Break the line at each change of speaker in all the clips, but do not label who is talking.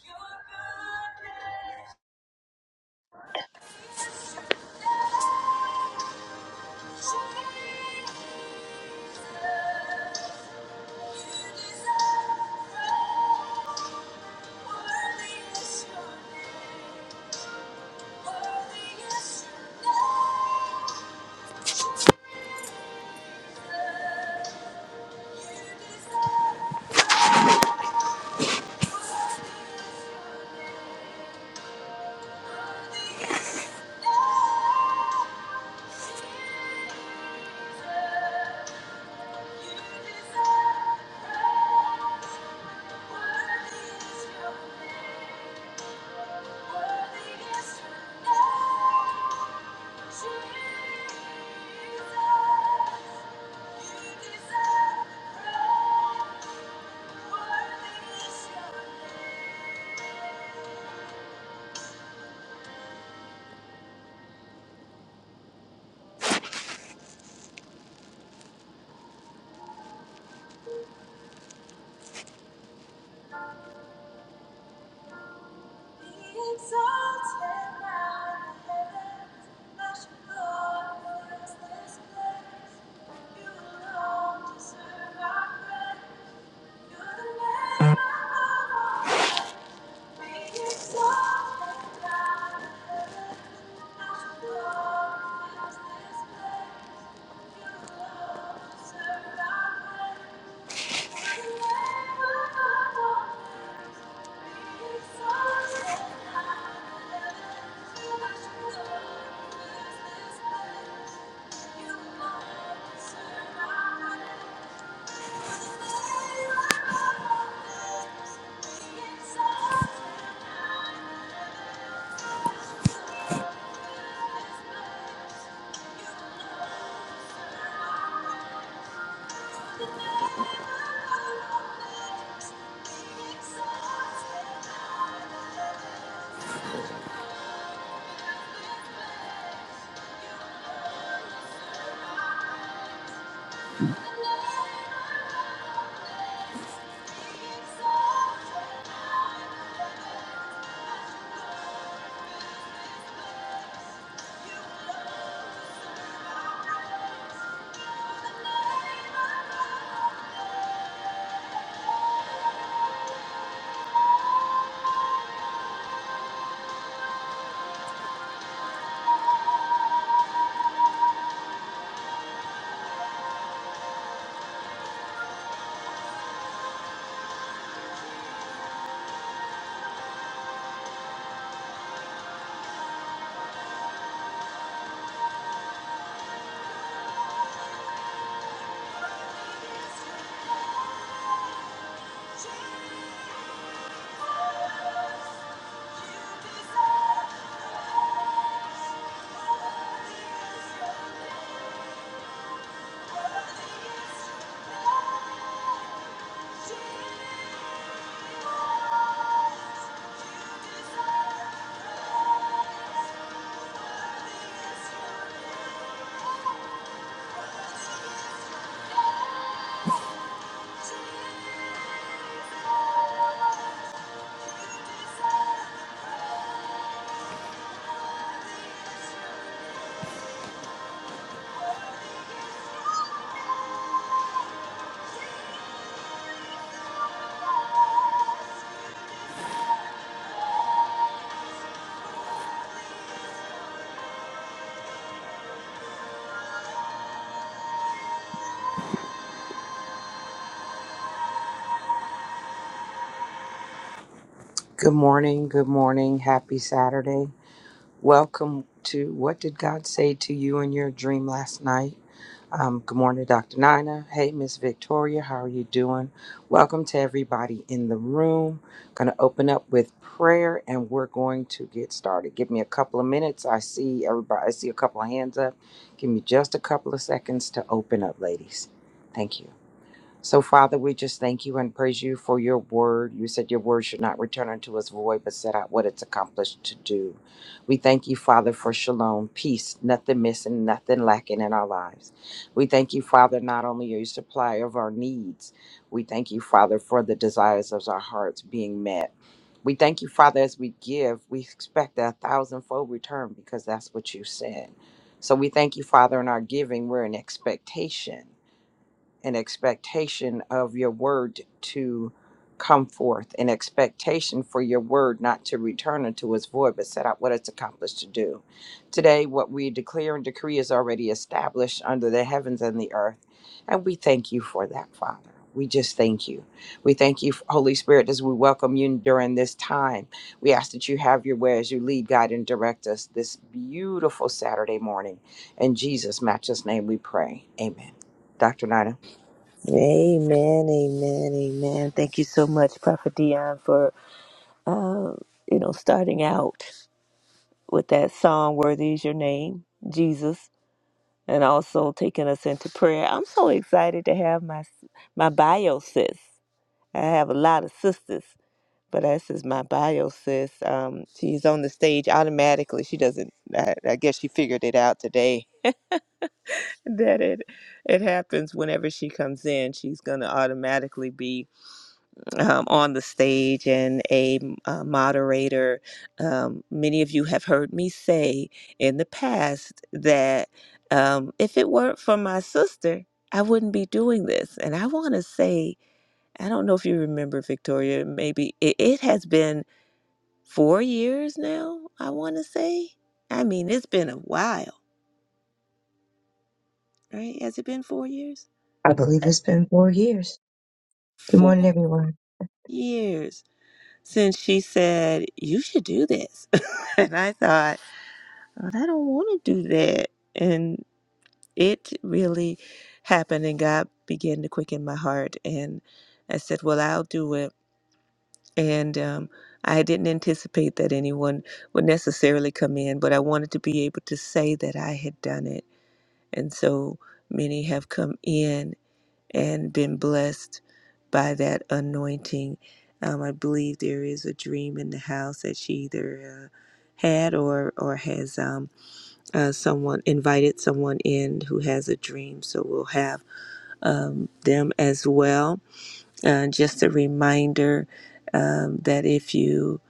Worthy is Thank you. Thank you. Thank you. Good morning, good morning, happy Saturday. Welcome to What Did God Say to You in Your Dream Last Night? Um, good morning, Dr. Nina. Hey, Miss Victoria, how are you doing? Welcome to everybody in the room. Going to open up with prayer, and we're going to get started. Give me a couple of minutes. I see everybody. I see a couple of hands up. Give me just a couple of seconds to open up, ladies. Thank you. So, Father, we just thank you and praise you for your word. You said your word should not return unto us void, but set out what it's accomplished to do. We thank you, Father, for shalom, peace, nothing missing, nothing lacking in our lives. We thank you, Father, not only are you supplier of our needs, we thank you, Father, for the desires of our hearts being met. We thank you, Father, as we give, we expect a thousandfold return because that's what you said. So we thank you, Father, in our giving, we're in expectation an expectation of your word to come forth, an expectation for your word not to return unto its void, but set out what it's accomplished to do. Today, what we declare and decree is already established under the heavens and the earth, and we thank you for that, Father. We just thank you. We thank you, Holy Spirit, as we welcome you during this time. We ask that you have your way as you lead, guide, and direct us this beautiful Saturday morning. In Jesus' matchless name, we pray. Amen. Dr. Nina.
Amen, amen, amen. Thank you so much, Prophet Dion, for uh, you know starting out with that song "Worthy Is Your Name, Jesus," and also taking us into prayer. I'm so excited to have my my bio sis. I have a lot of sisters, but this is my bio sis. Um, she's on the stage automatically. She doesn't. I, I guess she figured it out today that it it happens whenever she comes in. She's gonna automatically be um, on the stage and a, m- a moderator. Um, many of you have heard me say in the past that um, if it weren't for my sister, I wouldn't be doing this. And I want to say, I don't know if you remember, Victoria, maybe it, it has been four years now, I want to say. I mean, it's been a while, right? Has it been four years?
I believe it's been four years. Good morning,
Four
everyone.
years since she said, You should do this. and I thought, but I don't want to do that. And it really happened, and God began to quicken my heart. And I said, Well, I'll do it. And um, I didn't anticipate that anyone would necessarily come in, but I wanted to be able to say that I had done it. And so many have come in and been blessed by that anointing. Um, I believe there is a dream in the house that she either uh, had or or has. Um, uh, someone invited someone in who has a dream, so we'll have um, them as well. Uh, just a reminder um, that if you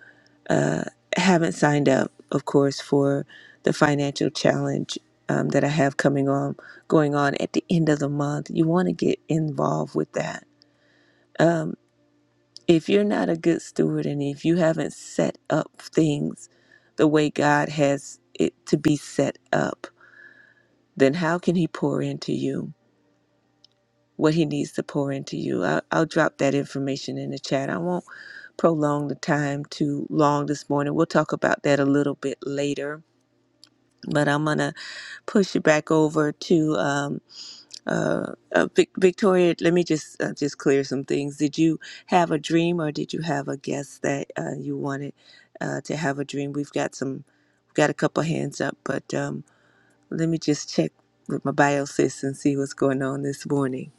uh, haven't signed up, of course, for the financial challenge um, that I have coming on, going on at the end of the month, you want to get involved with that. Um, if you're not a good steward and if you haven't set up things the way God has it to be set up, then how can he pour into you what he needs to pour into you? I'll, I'll drop that information in the chat. I won't prolong the time too long this morning. We'll talk about that a little bit later. But I'm going to push it back over to um, uh, uh, Vic- Victoria. Let me just uh, just clear some things. Did you have a dream or did you have a guess that uh, you wanted uh, to have a dream? We've got some, we've got a couple hands up, but. Um, Let me just check with my biosis and see what's going on this morning.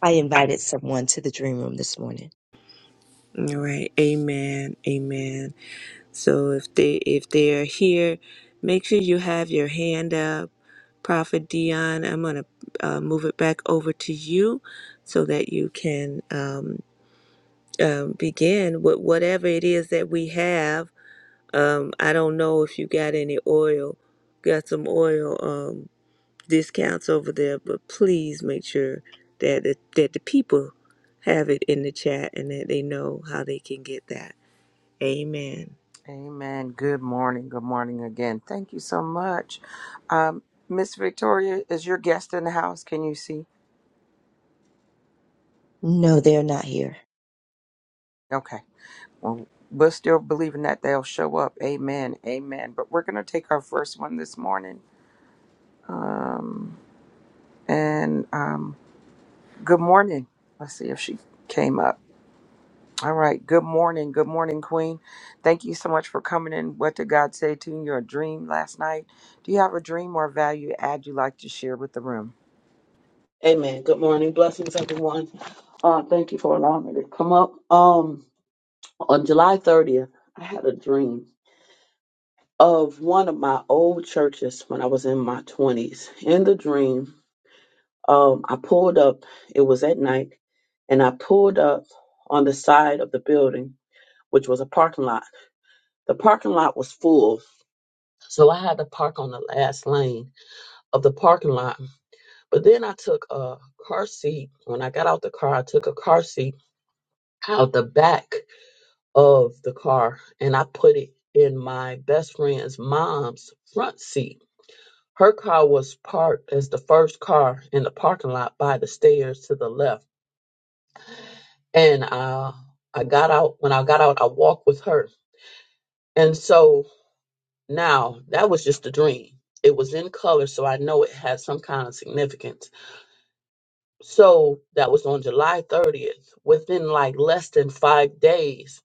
I invited someone to the dream room this morning.
All right. Amen. Amen. So if they if they are here, make sure you have your hand up. Prophet Dion, I'm gonna uh, move it back over to you so that you can um, um, begin with whatever it is that we have. Um, I don't know if you got any oil, got some oil. um, discounts over there, but please make sure that the, that the people have it in the chat and that they know how they can get that. Amen.
Amen. Good morning. Good morning again. Thank you so much. Um, Miss Victoria, is your guest in the house? Can you see?
No, they're not here.
Okay. Well, we're still believing that they'll show up. Amen. Amen. But we're going to take our first one this morning. Um, and um, good morning. Let's see if she came up. All right. Good morning. Good morning, Queen. Thank you so much for coming in. What did God say to you in your dream last night? Do you have a dream or value add you'd like to share with the room?
Amen. Good morning. Blessings, everyone. Uh, thank you for allowing me to come up. Um, on July 30th, I had a dream of one of my old churches when I was in my 20s. In the dream, um, I pulled up, it was at night, and I pulled up on the side of the building, which was a parking lot. The parking lot was full, so I had to park on the last lane of the parking lot. But then I took a car seat. When I got out the car, I took a car seat out the back of the car and I put it in my best friend's mom's front seat. Her car was parked as the first car in the parking lot by the stairs to the left. And uh, I got out. When I got out, I walked with her. And so now that was just a dream. It was in color, so I know it had some kind of significance. So that was on July 30th. Within like less than five days,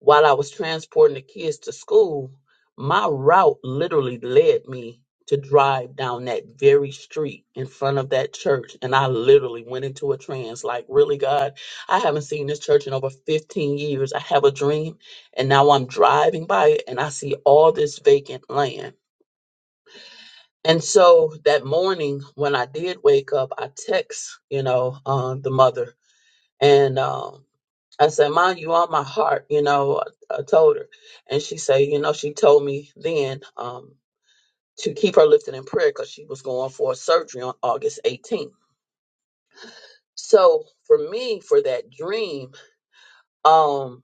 While I was transporting the kids to school, my route literally led me to drive down that very street in front of that church. And I literally went into a trance like, really, God, I haven't seen this church in over 15 years. I have a dream. And now I'm driving by it and I see all this vacant land. And so that morning when I did wake up, I text, you know, uh, the mother. And um, I said, Mom, you on my heart, you know, I, I told her. And she said, you know, she told me then um, to keep her lifted in prayer because she was going for a surgery on August 18th. So for me, for that dream, um,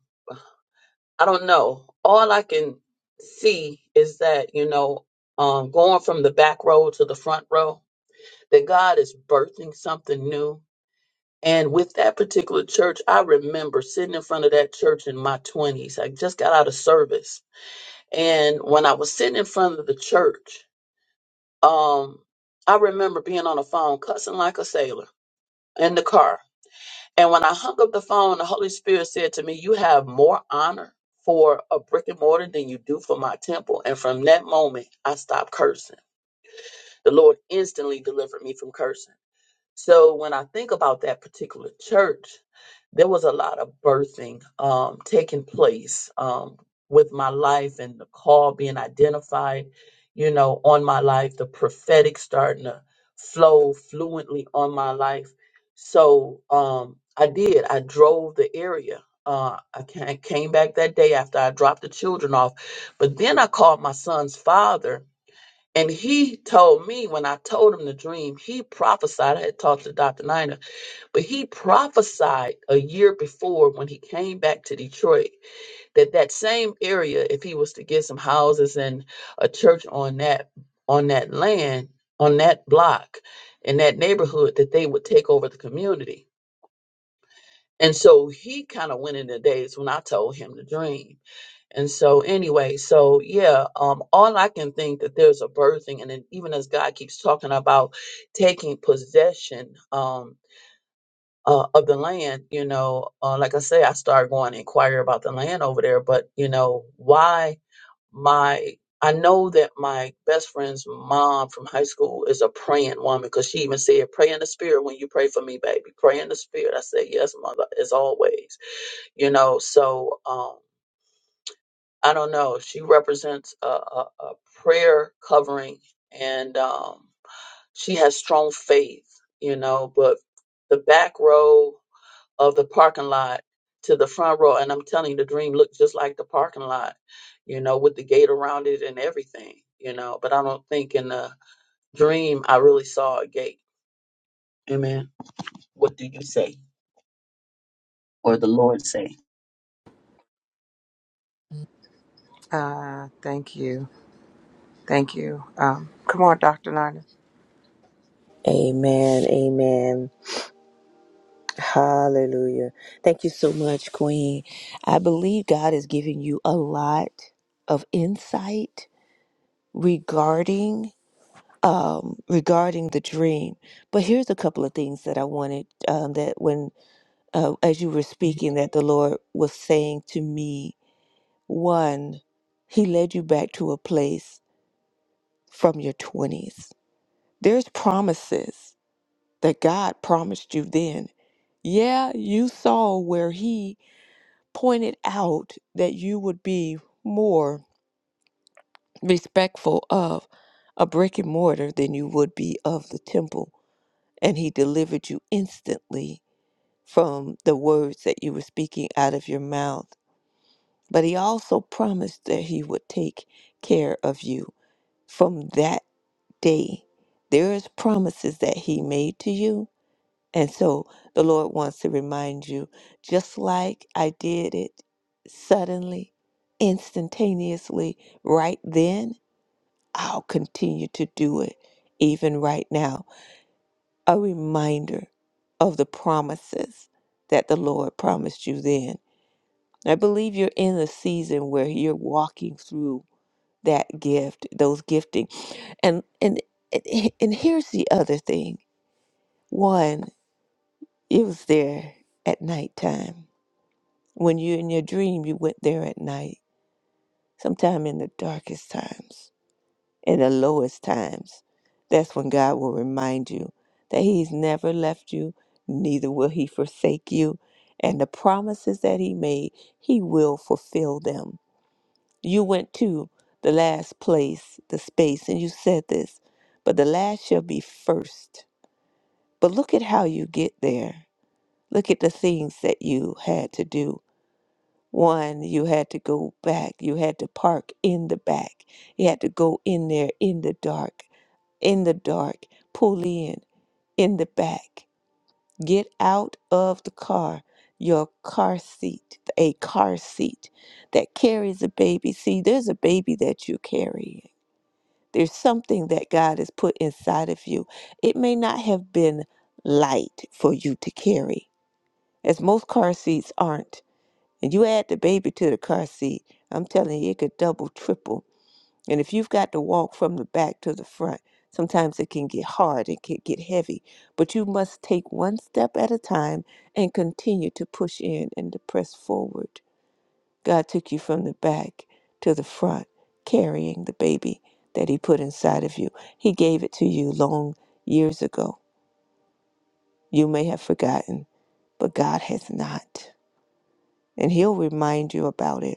I don't know. All I can see is that, you know, um, going from the back row to the front row, that God is birthing something new. And with that particular church, I remember sitting in front of that church in my 20s. I just got out of service And when I was sitting in front of the church, um, I remember being on the phone cussing like a sailor in the car. And when I hung up the phone, the Holy Spirit said to me, You have more honor for a brick and mortar than you do for my temple. And from that moment, I stopped cursing. The Lord instantly delivered me from cursing. So when I think about that particular church, there was a lot of birthing um, taking place um, with my life and the call being identified, you know, on my life, the prophetic starting to flow fluently on my life. So um, I did. I drove the area. Uh, I ca- came back that day after I dropped the children off, but then I called my son's father and he told me when I told him the dream, he prophesied. I had talked to Dr. Niner, but he prophesied a year before when he came back to Detroit that that same area, if he was to get some houses and a church on that on that land, on that block, in that neighborhood, that they would take over the community. And so he kind of went in the days when I told him the dream. And so, anyway, so yeah, um, all I can think that there's a birthing, and then even as God keeps talking about taking possession um, uh, of the land, you know, uh, like I say, I started going to inquire about the land over there, but you know, why my I know that my best friend's mom from high school is a praying woman because she even said, Pray in the spirit when you pray for me, baby. Pray in the spirit. I said, Yes, mother, as always. You know, so um I don't know. She represents a, a, a prayer covering, and um, she has strong faith, you know. But the back row of the parking lot to the front row, and I'm telling you, the dream looked just like the parking lot, you know, with the gate around it and everything, you know. But I don't think in the dream I really saw a gate. Amen. What do you say, or the Lord say?
Uh, thank you. Thank you. Um, come on, Dr. Nina.
Amen. Amen. Hallelujah. Thank you so much, Queen. I believe God is giving you a lot of insight regarding um regarding the dream. But here's a couple of things that I wanted um that when uh, as you were speaking that the Lord was saying to me One, He led you back to a place from your 20s. There's promises that God promised you then. Yeah, you saw where He pointed out that you would be more respectful of a brick and mortar than you would be of the temple. And He delivered you instantly from the words that you were speaking out of your mouth. But He also promised that He would take care of you from that day there is promises that he made to you and so the lord wants to remind you just like i did it suddenly instantaneously right then i'll continue to do it even right now a reminder of the promises that the lord promised you then i believe you're in a season where you're walking through that gift those gifting and and and here's the other thing One, it was there at nighttime. When you're in your dream, you went there at night, sometime in the darkest times, in the lowest times. That's when God will remind you that He's never left you, neither will He forsake you. And the promises that He made, He will fulfill them. You went to the last place, the space, and you said this, but the last shall be first. But look at how you get there. Look at the things that you had to do. One, you had to go back. You had to park in the back. You had to go in there in the dark, in the dark, pull in, in the back. Get out of the car, your car seat, a car seat that carries a baby. See, there's a baby that you carry. There's something that God has put inside of you. It may not have been light for you to carry, as most car seats aren't and you add the baby to the car seat, I'm telling you, it could double, triple. And if you've got to walk from the back to the front, sometimes it can get hard, it can get heavy. But you must take one step at a time and continue to push in and to press forward. God took you from the back to the front, carrying the baby that He put inside of you. He gave it to you long years ago. You may have forgotten, but God has not. And He'll remind you about it.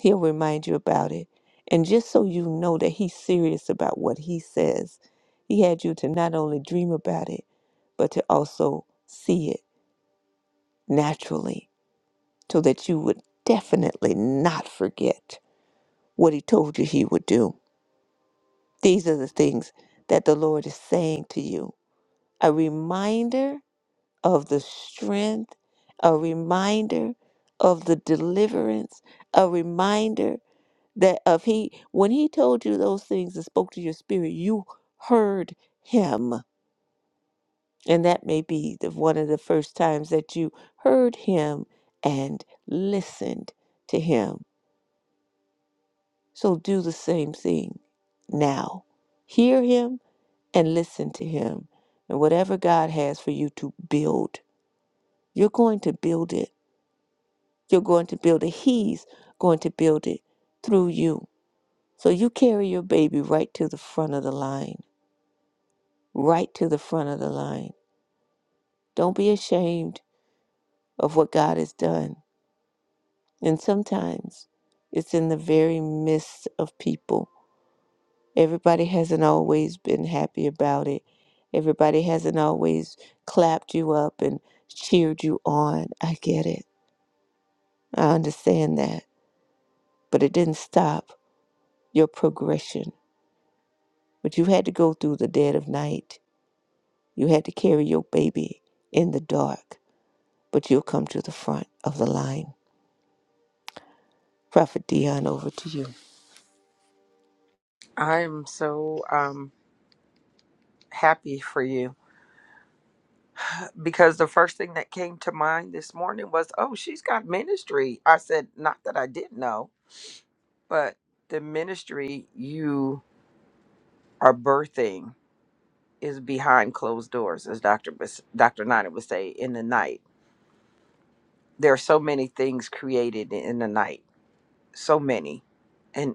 He'll remind you about it. And just so you know that he's serious about what he says, he had you to not only dream about it, but to also see it naturally so that you would definitely not forget what he told you he would do. These are the things that the Lord is saying to you a reminder of the strength, a reminder of the deliverance, a reminder that if he when he told you those things and spoke to your spirit you heard him and that may be the, one of the first times that you heard him and listened to him so do the same thing now hear him and listen to him and whatever god has for you to build you're going to build it you're going to build it he's going to build it through you so you carry your baby right to the front of the line right to the front of the line. Don't be ashamed of what God has done. And sometimes it's in the very midst of people. Everybody hasn't always been happy about it. Everybody hasn't always clapped you up and cheered you on. I get it. I understand that. But it didn't stop your progression. But you had to go through the dead of night. You had to carry your baby in the dark. But you'll come to the front of the line Prophet Dion, over to you.
I am so um, happy for you because the first thing that came to mind this morning was, oh, she's got ministry. I said, not that I didn't know, but the ministry you are birthing is behind closed doors, as Dr. Bas- Dr. Nina would say, in the night. There are so many things created in the night, so many. And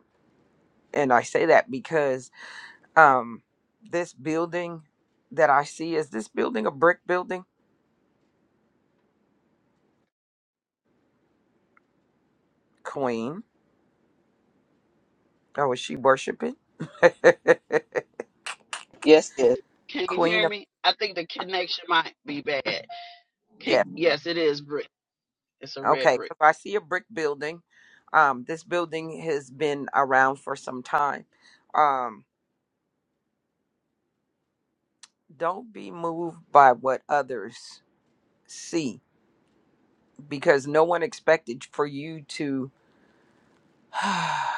and I say that because Um, this building that I see is this building a brick building? Queen. Oh, is she worshiping?
Yes, yes. Can you
Queen
hear
of
me? I think the connection might be bad.
yeah.
Can, yes, it is. It's a red
Okay,
brick.
because I see a brick building. Um, this building has been around for some time. Um, don't be moved by what others see because no one expected for you to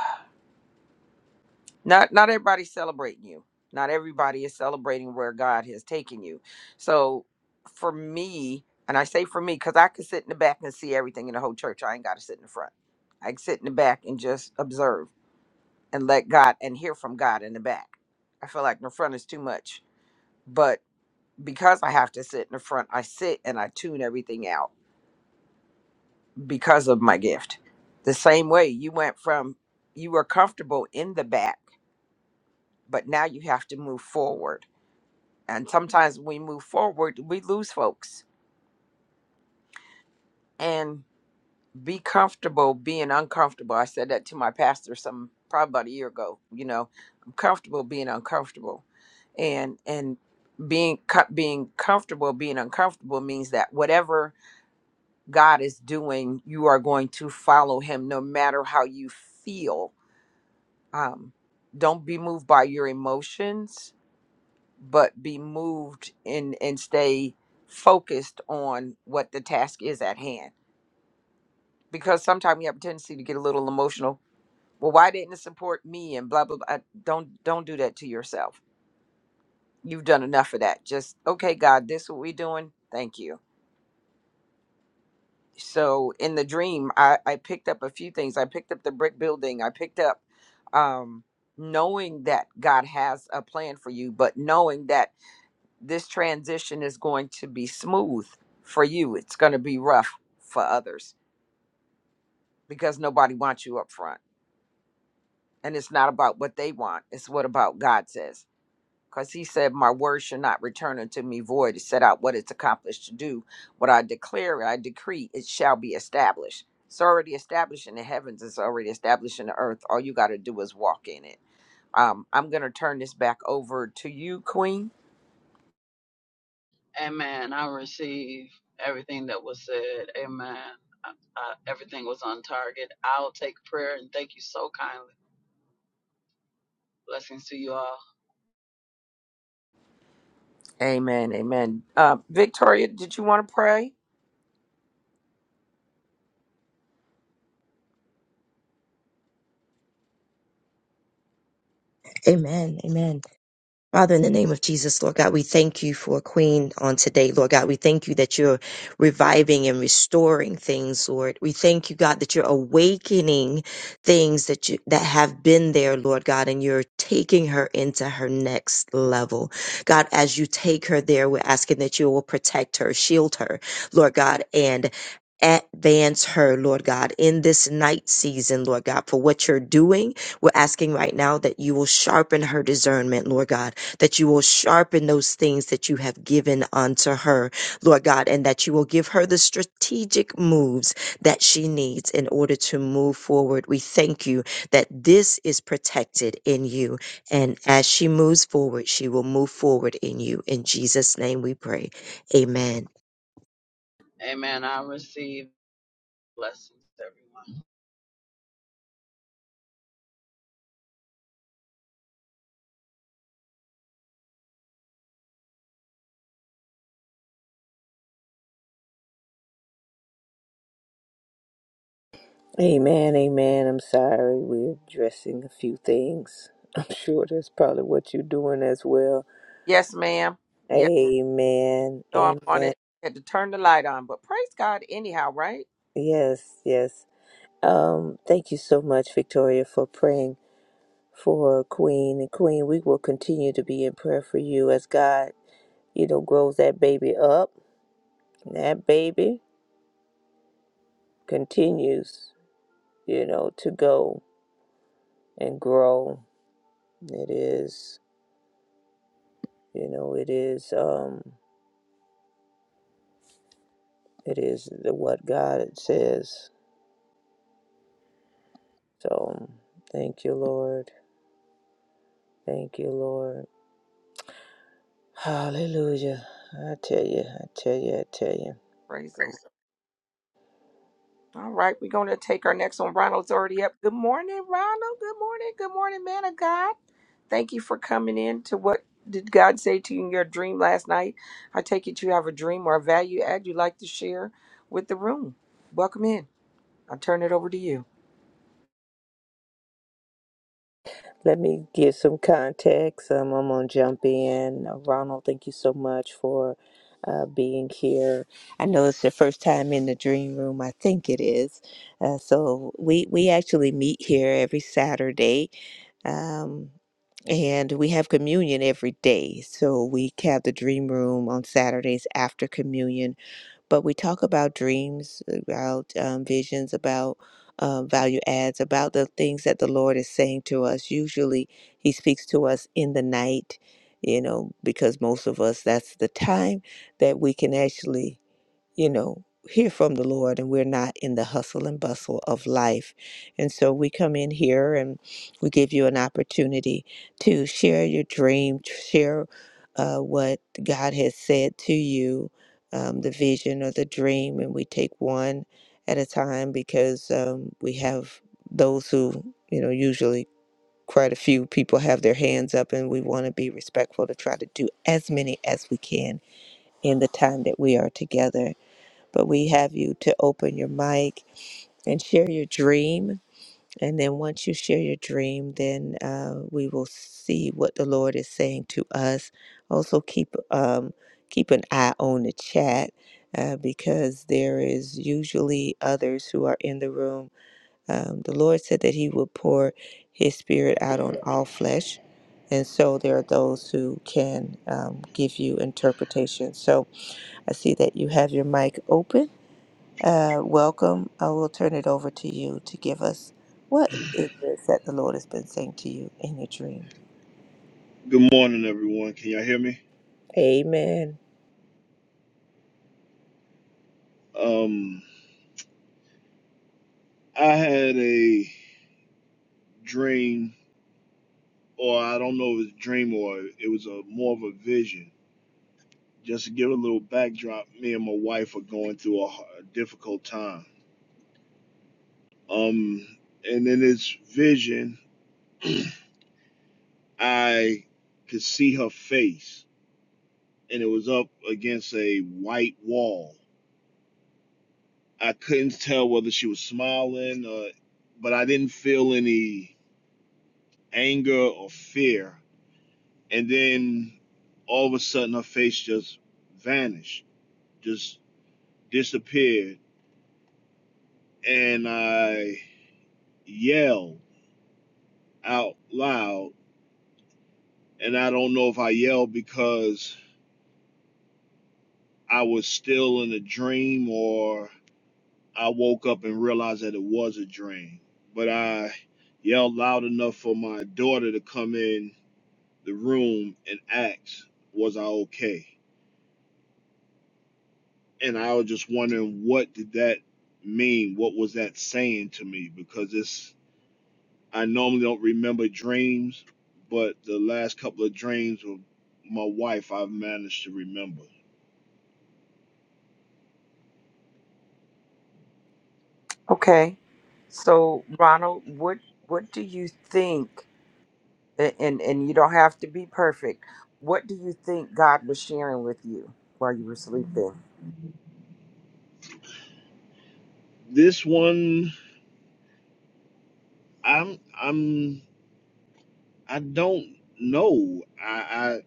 not not everybody's celebrating you not everybody is celebrating where god has taken you so for me and i say for me because i can sit in the back and see everything in the whole church i ain't got to sit in the front i can sit in the back and just observe and let god and hear from god in the back i feel like in the front is too much but because i have to sit in the front i sit and i tune everything out because of my gift the same way you went from you were comfortable in the back but now you have to move forward and sometimes when we move forward, we lose folks and be comfortable being uncomfortable. I said that to my pastor some probably about a year ago. You know, I'm comfortable being uncomfortable, and and being co- being comfortable being uncomfortable means that whatever God is doing, you are going to follow Him no matter how you feel. Um, don't be moved by your emotions but be moved and and stay focused on what the task is at hand because sometimes we have a tendency to get a little emotional well why didn't it support me and blah blah blah don't don't do that to yourself you've done enough of that just okay god this what we're doing thank you so in the dream i i picked up a few things i picked up the brick building i picked up um knowing that god has a plan for you but knowing that this transition is going to be smooth for you. It's going to be rough for others because nobody wants you up front. And it's not about what they want, it's what about God says. Because he said, My word shall not return unto me void. It set out what it's accomplished to do. What I declare, I decree, it shall be established. It's already established in the heavens, it's already established in the earth. All you got to do is walk in it. Um, I'm going to turn this back over to you, Queen.
Amen. I receive everything that was said. Amen. I, I, everything was on target. I'll take prayer and thank you so kindly. Blessings to you all.
Amen. Amen. Uh, Victoria, did you want to pray?
Amen. Amen. Father, in the name of Jesus, Lord God, we thank you for Queen on today, Lord God. We thank you that you're reviving and restoring things, Lord. We thank you, God, that you're awakening things that you that have been there, Lord God, and you're taking her into her next level. God, as you take her there, we're asking that you will protect her, shield her, Lord God, and Advance her, Lord God, in this night season, Lord God, for what you're doing. We're asking right now that you will sharpen her discernment, Lord God that you will sharpen those things that you have given unto her, Lord God, and that you will give her the strategic moves that she needs in order to move forward. We thank you that this is protected in you. And as she moves forward, she will move forward in you. In Jesus' name we pray. Amen.
Amen. I receive blessings, everyone.
Amen, amen. I'm sorry. We're addressing a few things. I'm sure that's probably what you're doing as well.
Yes, ma'am. Yes,
Amen,
no, I'm on
amen.
it. Had to turn the light on, but praise God anyhow, right?
Yes, yes. Um, thank you so much, Victoria, for praying for Queen. And Queen, we will continue to be in prayer for you as God, you know, grows that baby up. And that baby continues, you know, to go and grow. It is, you know, it is. Um, It is the what God says. So thank you, Lord. Thank you, Lord. Hallelujah. I tell you, I tell you, I tell you.
Praise the Lord. All right, we're going to take our next one. Ronald's already up. Good morning, Ronald. Good morning. Good morning, man of God. Thank you for coming in to what did God say to you in your dream last night? I take it you have a dream or a value add you'd like to share with the room. Welcome in. I'll turn it over to you.
Let me give some context. Um, I'm going to jump in. Uh, Ronald, thank you so much for uh, being here. I know it's your first time in the Dream Room. I think it is. Uh, so we, we actually meet here every Saturday. Um, and we have communion every day. So we have the dream room on Saturdays after communion but we talk about dreams, about um, visions, about uh, value adds, about the things that the Lord is saying to us. Usually, He speaks to us in the night, you know, because most of us, that's the time that we can actually you know, hear from the Lord and we're not in the hustle and bustle of life. And so we come in here and we give you an opportunity to share your dream, to share uh, what God has said to you, um, the vision or the dream, and we take one at a time because um, we have those who, you know, usually quite a few people have their hands up and we want to be respectful to try to do as many as we can in the time that we are together but we have you to open your mic and share your dream. And then once you share your dream, then uh, we will see what the Lord is saying to us. Also, keep um, keep an eye on the chat uh, because there is usually others who are in the room. Um, the Lord said that He would pour His Spirit out on all flesh. And so there are those who can um, give you interpretation. So I see that you have your mic open. Uh, welcome. I will turn it over to you to give us what it is this that the Lord has been saying to you in your dream.
Good morning, everyone. Can y'all hear me?
Amen.
Um, I had a dream, or I don't know if it's a dream or it was a more of a vision. Just to give a little backdrop, me and my wife are going through a, h- a difficult time. Um, and in this vision, I could see her face, and it was up against a white wall. I couldn't tell whether she was smiling, or, but I didn't feel any anger or fear And then all of a sudden her face just vanished, just disappeared. And I yelled out loud. And I don't know if I yelled because I was still in a dream or I woke up and realized that it was a dream. But I yelled loud enough for my daughter to come in the room and ask, Was I okay? and I was just wondering what did that mean? What was that saying to me? Because it's I normally don't remember dreams, but the last couple of dreams with my wife I've managed to remember.
Okay. So, Ronald, what what do you think? a- and and you don't have to be perfect. What do you think God was sharing with you while you were sleeping?
This one I'm I'm I don't know. I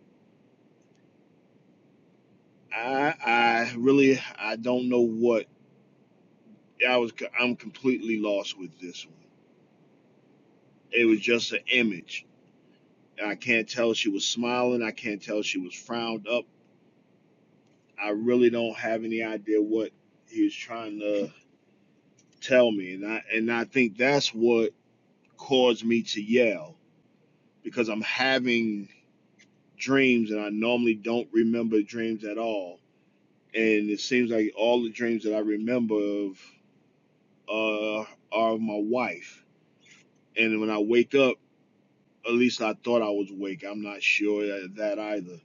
I I, I really I don't know what I was I'm completely lost with this one. It was just an image. I can't tell if she was smiling. I can't tell if she was frowned up. I really don't have any idea what he was trying to tell me, and I and I think that's what caused me to yell because I'm having dreams, and I normally don't remember dreams at all, and it seems like all the dreams that I remember of uh, are of my wife, and when I wake up, at least I thought I was awake. I'm not sure of that either.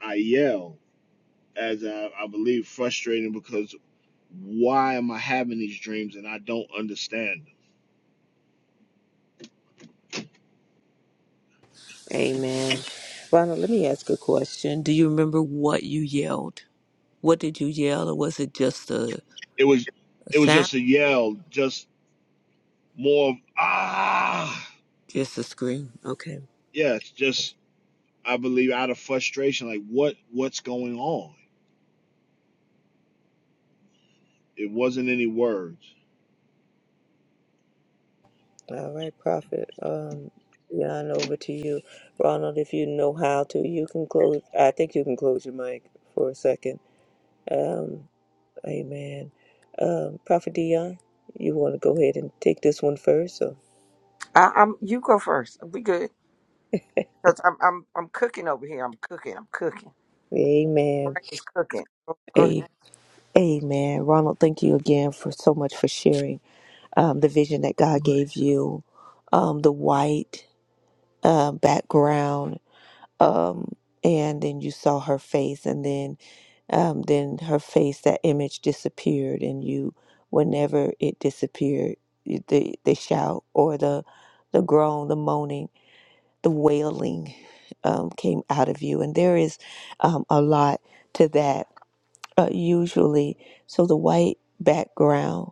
I yell as I, I believe frustrating because why am I having these dreams and I don't understand them?
Amen. Ronald, let me ask a question. Do you remember what you yelled? What did you yell, or was it just a,
It was
a
it was
sound?
just a yell, just more of, ah
Just a scream. Okay.
yeah, it's just I believe out of frustration, like what what's going on? It wasn't any words.
All right, Prophet. Um, Jan, over to you. Ronald, if you know how to, you can close. I think you can close your mic for a second. Um, Amen. Um, Prophet Dion, you want to go ahead and take this one first? Or?
I, I'm you go first. We good because I'm I'm I'm cooking over here. I'm cooking. I'm cooking.
Amen.
Brain is cooking. Go go ahead.
A- Amen. Ronald, thank you again for so much for sharing um, the vision that God gave you, um, the white uh, background, um, and then you saw her face, and then um, then her face, that image disappeared, and you, whenever it disappeared, the the shout or the the groan, the moaning the wailing um, came out of you. And there is um, a lot to that uh, usually. So the white background,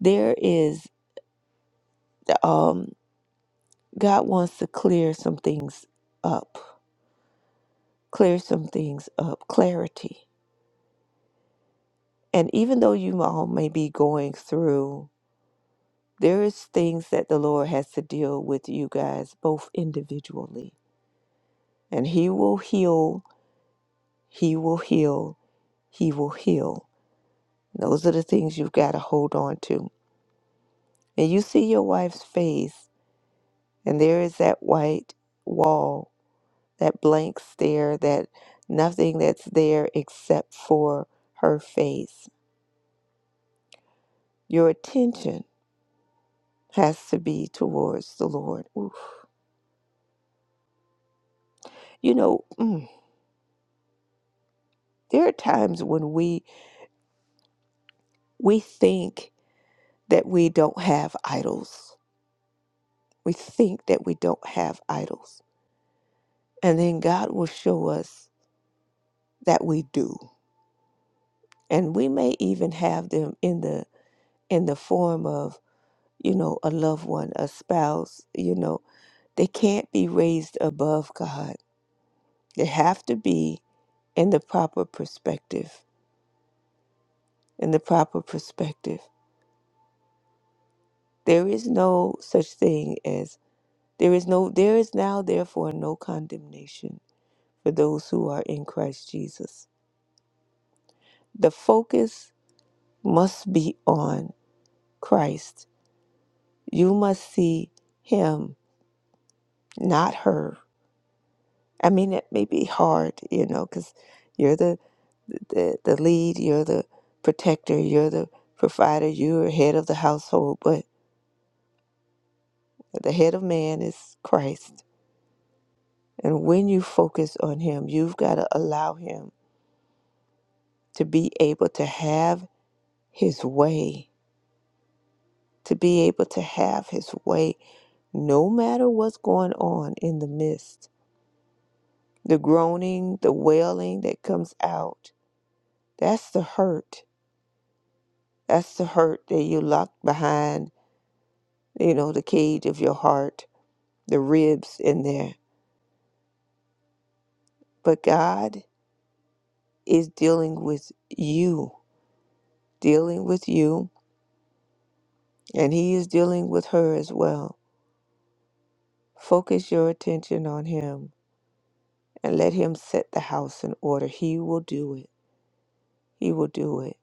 there is, um, God wants to clear some things up, clear some things up, clarity. And even though you all may be going through, there is things that the Lord has to deal with you guys, both individually. And He will heal, He will heal, He will heal. Those are the things you've got to hold on to. And you see your wife's face, and there is that white wall, that blank stare, that nothing that's there except for her face. Your attention has to be towards the Lord. Oof. You know, mm, there are times when we we think that we don't have idols. We think that we don't have idols. And then God will show us that we do and we may even have them in the in the form of you know a loved one a spouse you know they can't be raised above god they have to be in the proper perspective in the proper perspective there is no such thing as there is no there is now therefore no condemnation for those who are in christ jesus the focus must be on christ you must see him not her I mean, it may be hard, you know, because you're the, the the lead, you're the protector, you're the provider, you're head of the household. But the head of man is Christ, and when you focus on Him, you've got to allow Him to be able to have His way, to be able to have His way, no matter what's going on in the midst, the groaning, the wailing that comes out. That's the hurt. That's the hurt that you lock behind you know, the cage of your heart, the ribs in there. But God is dealing with you, dealing with you, and He is dealing with her as well. Focus your attention on Him and let Him set the house in order. He will do it. He will do it.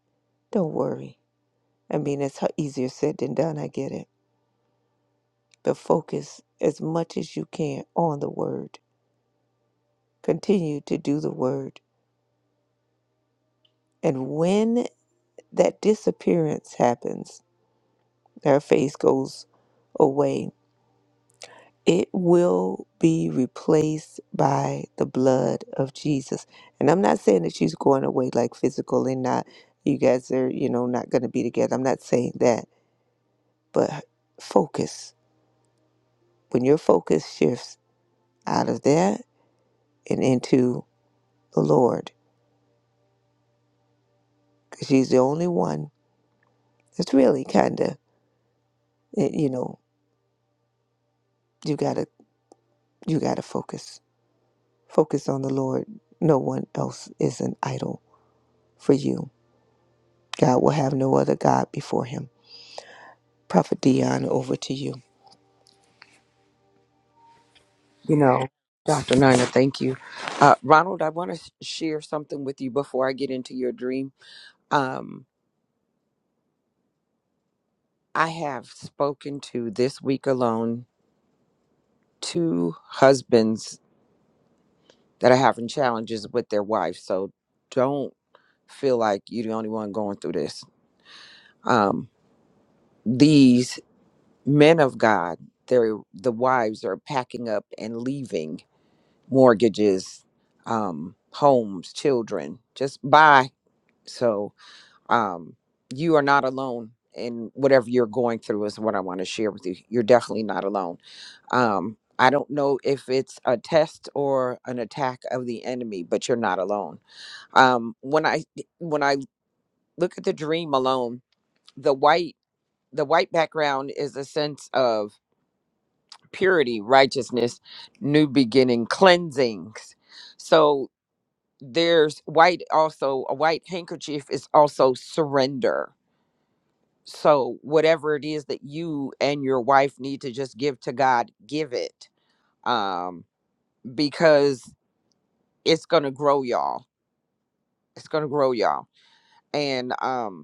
Don't worry. I mean, it's h- easier said than done. I get it. But focus as much as you can on the Word. Continue to do the Word. And when that disappearance happens, their face goes away. It will be replaced by the blood of Jesus. And I'm not saying that she's going away like physical and not, you guys are, you know, not going to be together. I'm not saying that. But focus. When your focus shifts out of that and into the Lord, because she's the only one that's really kind of, you know, you got to, you got to focus. Focus on the Lord. No one else is an idol for you God will have no other God before him. Prophet Dion, over to you.
You know, Dr. Nina, thank you. Uh, Ronald, I want to share something with you before I get into your dream. Um, I have spoken to this week alone two husbands that are having challenges with their wife. So don't feel like you're the only one going through this. Um, these men of God, they're, the wives are packing up and leaving mortgages, um, homes, children. Just bye. So um, you are not alone in whatever you're going through, is what I want to share with you. You're definitely not alone. Um, I don't know if it's a test or an attack of the enemy, but you're not alone um when i when i look at the dream alone the white the white background is a sense of purity righteousness new beginning cleansings so there's white also a white handkerchief is also surrender so whatever it is that you and your wife need to just give to god give it um because it's gonna grow y'all it's gonna grow y'all and um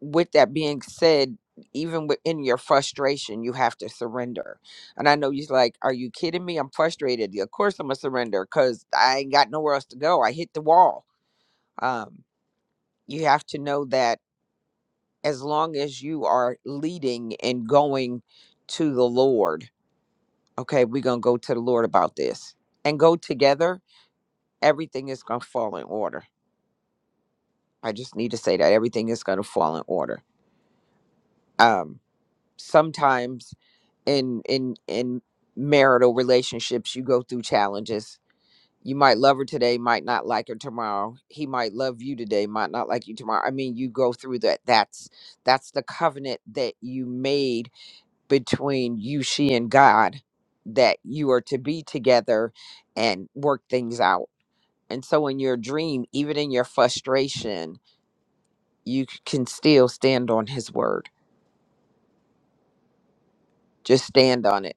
with that being said, even within your frustration, you have to surrender. And I know you're like, Are you kidding me? I'm frustrated. "Yeah, Of course, I'm going to surrender because I ain't got nowhere else to go. I hit the wall. Um, you have to know that as long as you are leading and going to the Lord, okay, we're going to go to the Lord about this and go together, everything is going to fall in order. I just need to say that everything is going to fall in order. Um, sometimes in in in marital relationships you go through challenges you might love her today might not like her tomorrow he might love you today might not like you tomorrow i mean you go through that that's that's the covenant that you made between you she and god that you are to be together and work things out and so in your dream even in your frustration you c- can still stand on his word just stand on it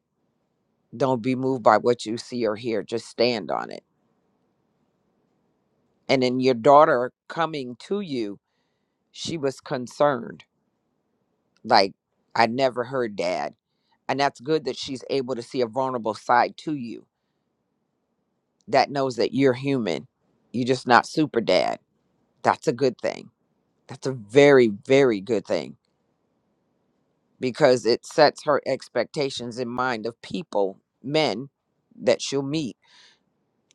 Don't be moved by what you see or hear, just stand on it. And then your daughter coming to you, she was concerned. Like, I never heard dad. And that's good that she's able to see a vulnerable side to you that knows that you're human. You're just not super dad. That's a good thing. That's a very, very good thing because it sets her expectations in mind of people, men that she'll meet,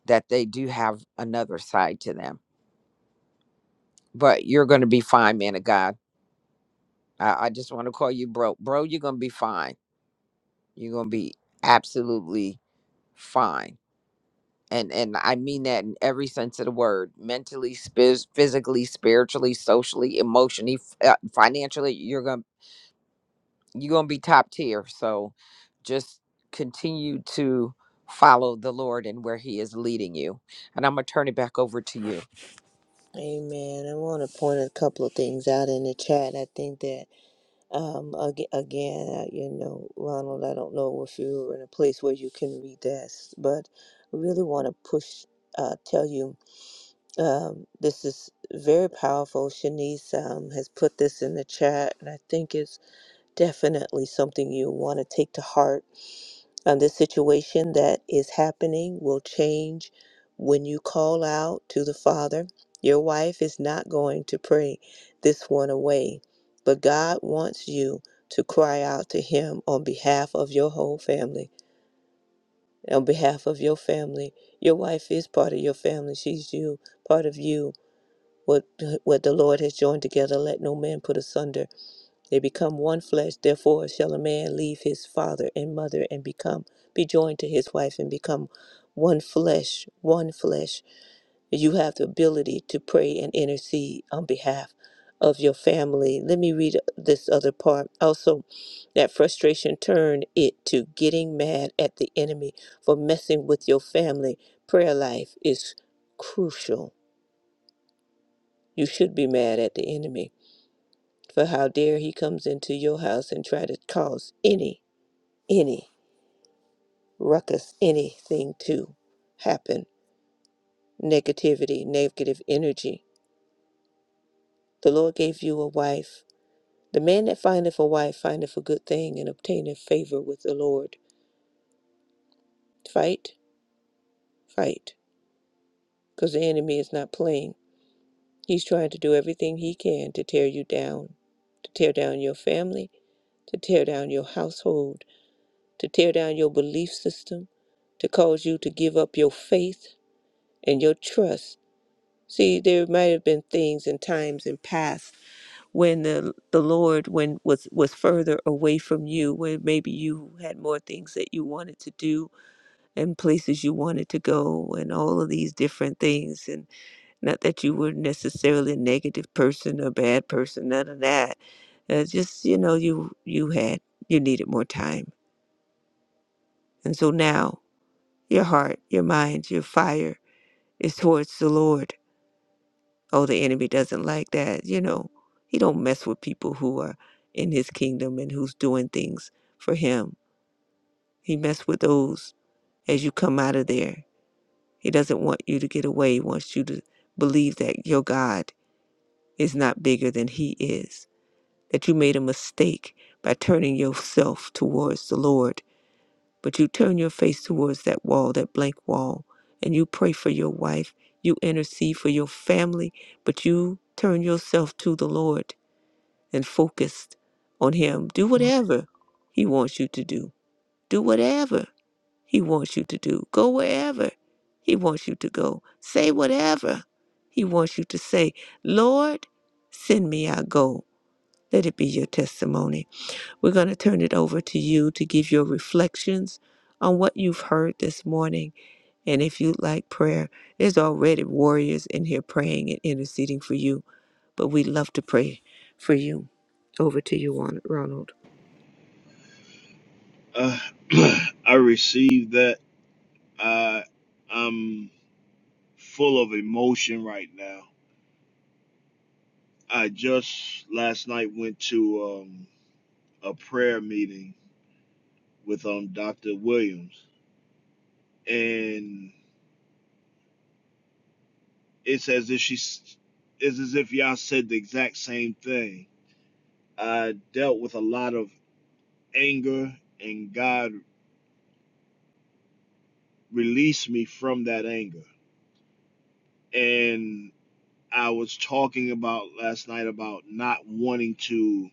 that they do have another side to them. But you're going to be fine, man of God I, I just want to call you bro. Bro, you're gonna be fine. You're gonna be absolutely fine. And and I mean that in every sense of the word. Mentally, spiz, physically, spiritually, socially, emotionally, f- uh, financially, you're gonna you're gonna be top tier. So just continue to follow the Lord and where He is leading you. And I'm gonna turn it back over to you.
Amen. I want to point a couple of things out in the chat. I think that, um, ag- again, uh, you know, Ronald, I don't know if you're in a place where you can read this, but I really want to push, uh, tell you, um, this is very powerful. Shanice, um, has put this in the chat, and I think it's definitely something you want to take to heart Um, this situation that is happening will change when you call out to the Father. Your wife is not going to pray this one away, but God wants you to cry out to Him on behalf of your whole family, on behalf of your family. Your wife is part of your family. She's you, part of you. What, what the Lord has joined together, let no man put asunder. They become one flesh, therefore shall a man leave his father and mother and become be joined to his wife and become one flesh, one flesh. You have the ability to pray and intercede on behalf of your family. Let me read this other part. Also, that frustration turned it to getting mad at the enemy for messing with your family. Prayer life is crucial. You should be mad at the enemy for how dare he comes into your house and try to cause any any ruckus, anything to happen, negativity, negative energy. The Lord gave you a wife. The man that findeth a wife findeth a good thing and obtaineth favor with the Lord. Fight, fight, because the enemy is not playing. He's trying to do everything he can to tear you down, to tear down your family, to tear down your household, to tear down your belief system, to cause you to give up your faith and your trust See, there might have been things and times in past when the the Lord when was was further away from you, when maybe you had more things that you wanted to do and places you wanted to go, and all of these different things. And not that you were necessarily a negative person or bad person, none of that. Uh, just you know, you you had you needed more time, and so now your heart, your mind, your fire is towards the Lord oh the enemy doesn't like that you know he don't mess with people who are in his kingdom and who's doing things for him he mess with those as you come out of there he doesn't want you to get away he wants you to believe that your god is not bigger than he is that you made a mistake by turning yourself towards the lord but you turn your face towards that wall that blank wall and you pray for your wife you intercede for your family but you turn yourself to the lord and focused on Him. Do whatever He wants you to do. Do whatever He wants you to do. Go wherever He wants you to go. Say whatever He wants you to say. Lord, send me, I go. Let it be your testimony. We're going to turn it over to you to give your reflections on what you've heard this morning and if you like prayer, there's already warriors in here praying and interceding for you. But we love to pray for you. Over to you, Ron- Ronald.
Uh, I received that. I I'm full of emotion right now. I just last night went to um, a prayer meeting with um Dr. Williams, and it's as if she's it's as if y'all said the exact same thing. I dealt with a lot of anger, and God released me from that anger. And I was talking about last night about not wanting to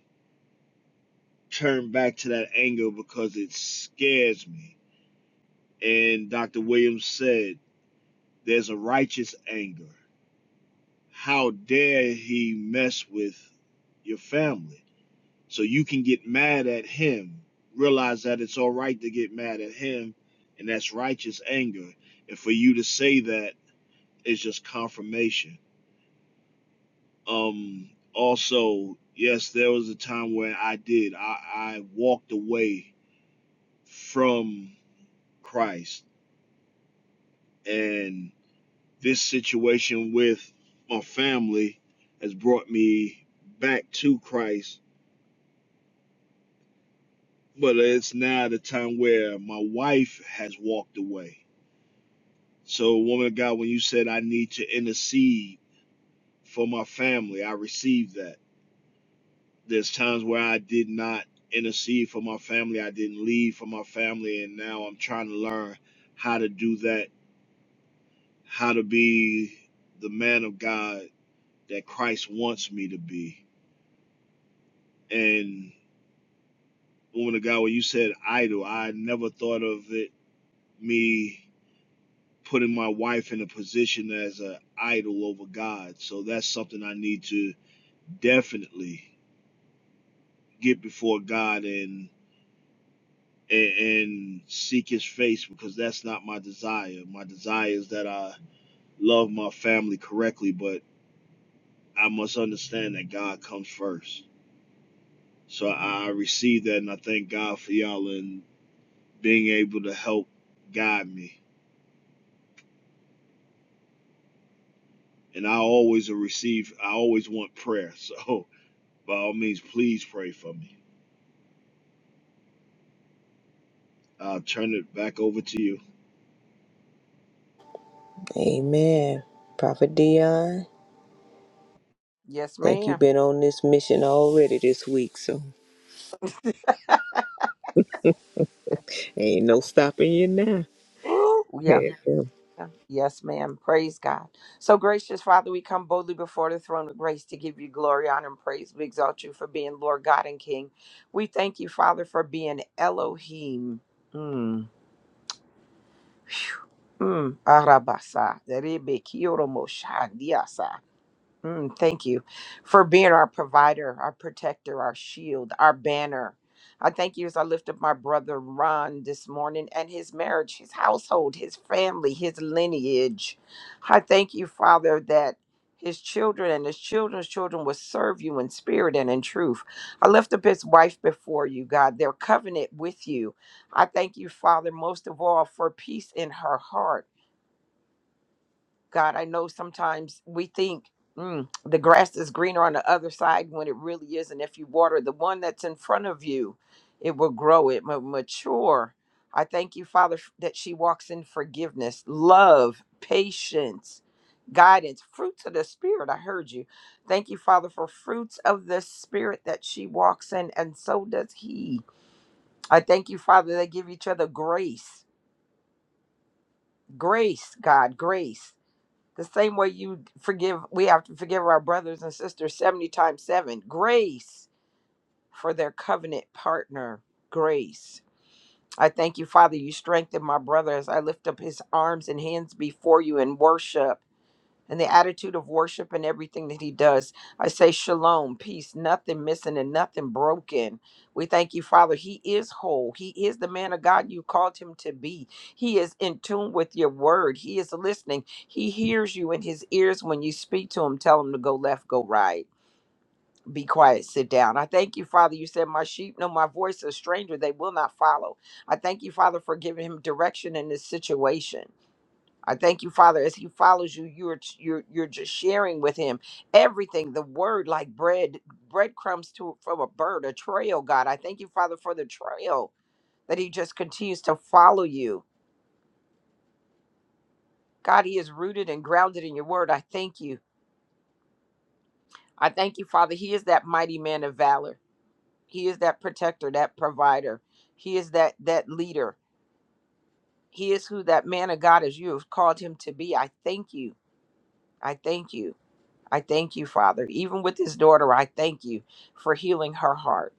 turn back to that anger because it scares me. And Dr. Williams said, There's a righteous anger. How dare he mess with your family? So you can get mad at him. Realize that it's all right to get mad at him, and that's righteous anger. And for you to say that is just confirmation. Um also, yes, there was a time when I did. I, I walked away from Christ. And this situation with my family has brought me back to Christ. But it's now the time where my wife has walked away So, woman of God, when you said I need to intercede for my family, I received that. There's times where I did not intercede for my family, I didn't leave for my family, and now I'm trying to learn how to do that, how to be the man of God that Christ wants me to be. And woman of God, when you said idol, I never thought of it me putting my wife in a position as an idol over God. So that's something I need to definitely get before God and, and and seek His face because that's not my desire. My desire is that I love my family correctly, but I must understand that God comes first. So I receive that, and I thank God for y'all and being able to help guide me. And I always receive. I always want prayer. So by all means, please pray for me. I'll turn it back over to you.
Amen. Prophet Dion,
Yes,
think you've
ma'am.
been on this mission already this week, so ain't no stopping you now.
Ooh, yep. Yes, ma'am. Praise God. So, gracious Father, we come boldly before the throne of grace to give you glory, honor, and praise. We exalt you for being Lord God and King. We thank you, Father, for being Elohim. Mm. Phew. Mm. Arabasa. Derebe kioro mosha diasa. Mm, thank you for being our provider, our protector, our shield, our banner. I thank you as I lift up my brother Ron this morning and his marriage, his household, his family, his lineage. I thank you, Father, that his children and his children's children will serve you in spirit and in truth. I lift up his wife before you, God, their covenant with you. I thank you, Father, most of all for peace in her heart. God, I know sometimes we think mm, the grass is greener on the other side when it really isn't. If you water the one that's in front of you, it will grow, it will mature. I thank you, Father, f- that she walks in forgiveness, love, patience, guidance, fruits of the Spirit. I heard you. Thank you, Father, for fruits of the Spirit that she walks in, and so does he. I thank you, Father, they give each other grace. Grace, God, grace the same way you forgive, we have to forgive our brothers and sisters 70 times 7. Grace for their covenant partner. Grace. I thank you, Father, you strengthen my brother as I lift up his arms and hands before you in worship and the attitude of worship and everything that he does. I say shalom, peace, nothing missing and nothing broken. We thank you, Father. He is whole. He is the man of God you called him to be. He is in tune with your word. He is listening. He hears you in his ears when you speak to him. Tell him to go left, go right. Be quiet, sit down. I thank you, Father. You said, My sheep know my voice, a stranger, they will not follow. I thank you, Father, for giving him direction in this situation. I thank you, Father, as he follows you, you're you're you're just sharing with him everything, the word like bread, breadcrumbs to from a bird, a trail, God. I thank you, Father, for the trail that he just continues to follow you. God, he is rooted and grounded in your word. I thank you. I thank you, Father. He is that mighty man of valor. He is that protector, that provider. He is that that leader. He is who that man of God is you have called him to be. I thank you. I thank you. I thank you, Father. Even with his daughter, I thank you for healing her heart.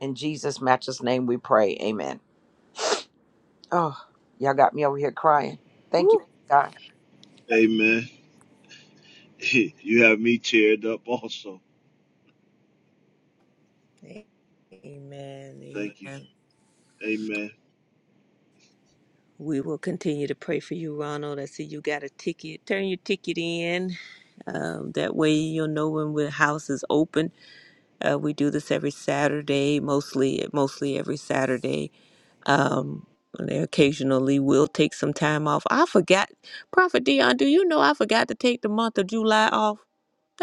In Jesus' matchless name we pray. Amen. Oh, y'all got me over here crying. Thank you,
Woo.
God.
Amen. You have me teared up also.
Amen.
Thank you.
Amen.
Amen.
We will continue to pray for you, Ronald. I see you got a ticket. Turn your ticket in. Um, that way you'll know when the house is open. Uh, we do this every Saturday, mostly mostly every Saturday. Um, and then occasionally we'll take some time off. I forgot, Prophet Dion. Do you know I forgot to take the month of July off?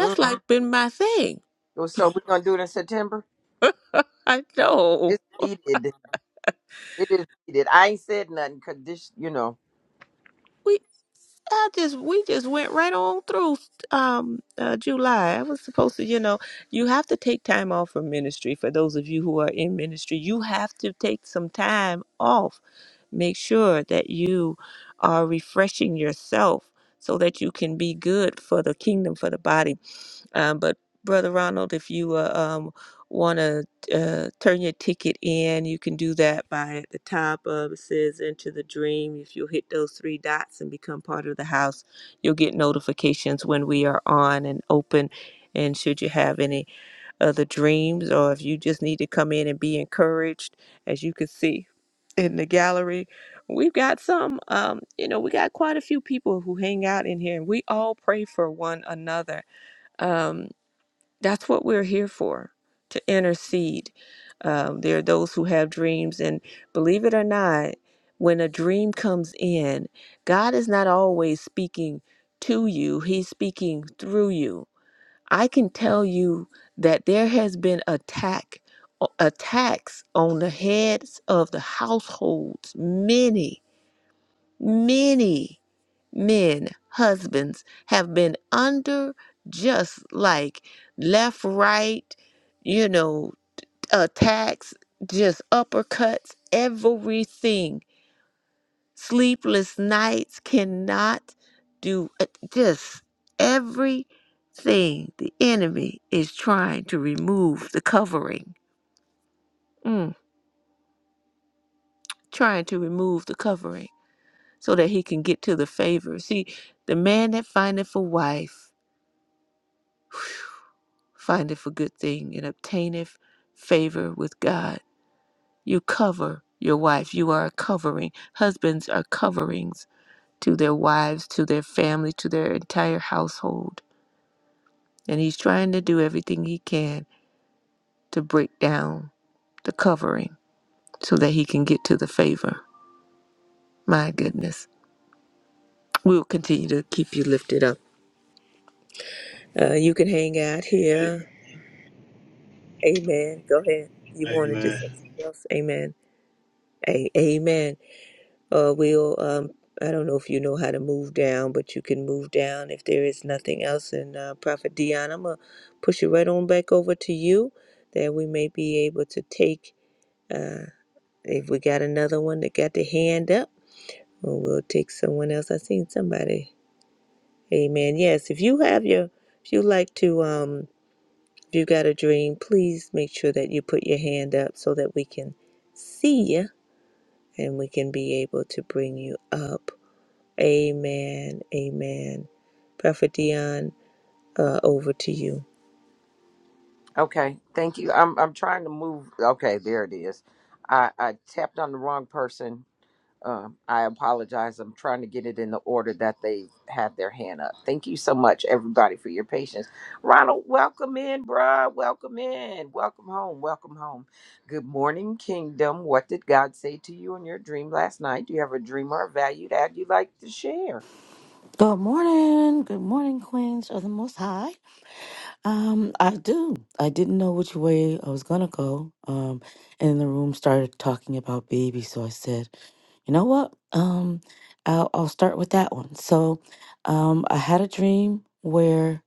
Mm.
like Uh-huh. been my thing.
Well, So we're gonna do it in September?
I know.
It's needed. It is needed. I ain't said nothing because this, you know.
I just we just went right on through um uh, July. I was supposed to, you know, you have to take time off from ministry. For those of you who are in ministry, you have to take some time off. Make sure that you are refreshing yourself so that you can be good for the kingdom, for the body. Um, but Brother Ronald, if you uh, um, want to uh, turn your ticket in, you can do that by at the top of it says Enter the Dream. If you'll hit those three dots and become part of the house, you'll get notifications when we are on and open. And should you have any other dreams, or if you just need to come in and be encouraged, as you can see in the gallery, we've got some, um, you know, we got quite a few people who hang out in here, and we all pray for one another. Um, that's what we're here for to intercede. Um, there are those who have dreams, and believe it or not, when a dream comes in, God is not always speaking to you, He's speaking through you. I can tell you that there has been attack attacks on the heads of the households many many men, husbands have been under just like left, right, you know, attacks, just uppercuts, everything. Sleepless nights cannot do uh, just everything. The enemy is trying to remove the covering, Mm, trying to remove the covering so that he can get to the favor. See, the man that findeth a wife. findeth a good thing and obtaineth favor with God. You cover your wife. You are a covering. Husbands are coverings to their wives, to their family, to their entire household. And he's trying to do everything he can to break down the covering so that he can get to the favor. My goodness. We'll continue to keep you lifted up. Uh, you can hang out here. Amen. Go ahead. You wanted to say
Amen.
something else? Amen. A- amen. uh, wheel. Um, I don't know if you know how to move down, but you can move down if there is nothing else. And uh, Prophet Dion, I'm going to push it right on back over to you that we may be able to take, uh, if we got another one that got the hand up, or we'll take someone else. I seen somebody. Amen. Yes, if you have your, if you like to, um, if you got a dream, please make sure that you put your hand up so that we can see you and we can be able to bring you up. Amen. Amen. Prophet Dion, uh, over to you.
Okay. Thank you. I'm I'm trying to move. Okay, there it is. I, I tapped on the wrong person Um, I apologize. I'm trying to get it in the order that they have their hand up. Thank you so much, everybody, for your patience. Ronald, welcome in, bruh. Welcome in. Welcome home. Welcome home. Good morning, Kingdom. What did God say to you in your dream last night? Do you have a dream or a value that you'd like to share?
Good morning. Good morning, Queens of the Most High. Um, I do. I didn't know which way I was gonna go. Um, and then the room started talking about babies, so I said, you know what? Um, I'll, I'll start with that one. So, um, I had a dream where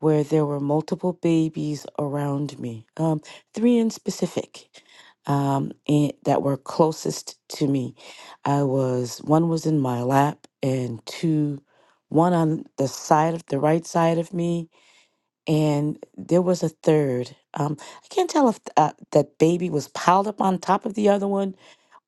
where there were multiple babies around me, um, three in specific, um, and that were closest to me. I was one was in my lap, and two, one on the side of the right side of me, and there was a third. Um, I can't tell if uh, that baby was piled up on top of the other one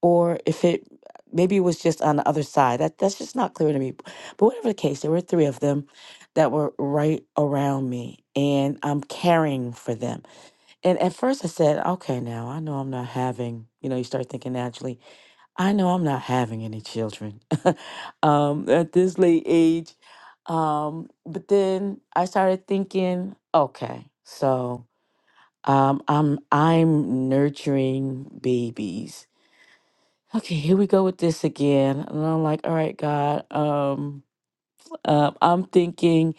or if it maybe it was just on the other side. That that's just not clear to me. But whatever the case, there were three of them that were right around me and I'm caring for them. And at first I said, okay, now I know I'm not having, you know, you start thinking naturally, I know I'm not having any children um, at this late age. Um, but then I started thinking, okay, so um, I'm I'm nurturing babies okay, here we go with this again. And I'm like, all right, God, um, uh, I'm thinking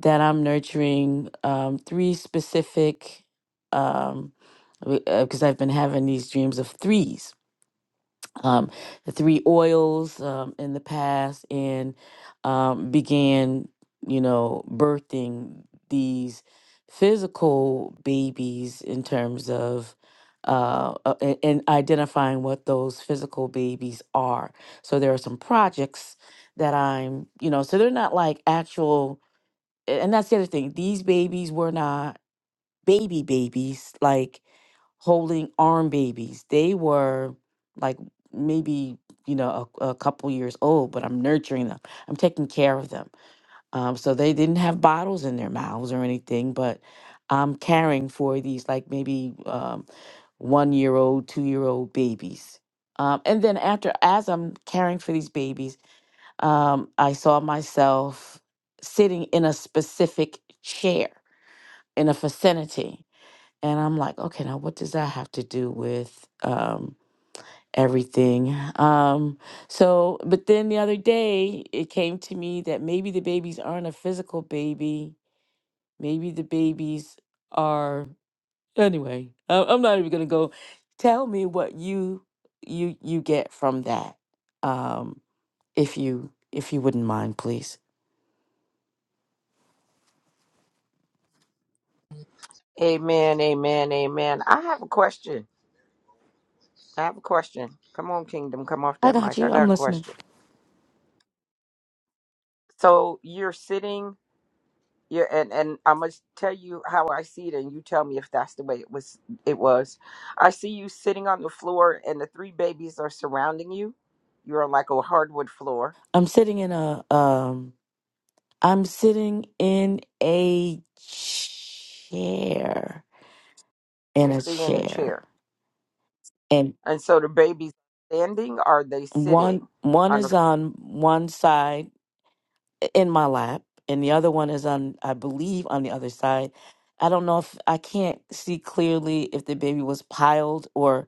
that I'm nurturing um, three specific, um, because I've been having these dreams of threes um, the three oils um, in the past and um, began, you know, birthing these physical babies in terms of uh, uh, a- and identifying what those physical babies are. So there are some projects that I'm, you know, so they're not like actual. a- And that's the other thing. These babies were not baby babies. Like holding arm babies. They were like maybe you know a, a couple years old, but I'm nurturing them. I'm taking care of them. Um, so they didn't have bottles in their mouths or anything, but I'm caring for these like maybe um, one year old, two year old babies. Um, and then after, as I'm caring for these babies, um, I saw myself sitting in a specific chair in a vicinity and I'm like, okay, now what does that have to do with um, everything? Um, so, but then the other day, it came to me that maybe the babies aren't a physical baby. Maybe the babies are. Anyway, I- I'm not even gonna go. Tell me what you you you get from that, um, if you if you wouldn't mind, please.
Amen, amen, amen. I have a question. I have a question. Come on, Kingdom. Come off
I
that
got
mic. I
you.
got
I'm
a
listening.
question. So you're sitting Yeah, and and I must tell you how I see it, and you tell me if that's the way it was. It was. I see you sitting on the floor, and the three babies are surrounding you. You're like a hardwood floor.
I'm sitting in a um I'm sitting in a chair. In
You're
a
sitting in a
chair.
chair,
And
and so the babies standing. Are they
one
sitting
one
on the?
is
f-
on one side in my lap and the other one is on I believe on the other side. I don't know if I can't see clearly if the baby was piled or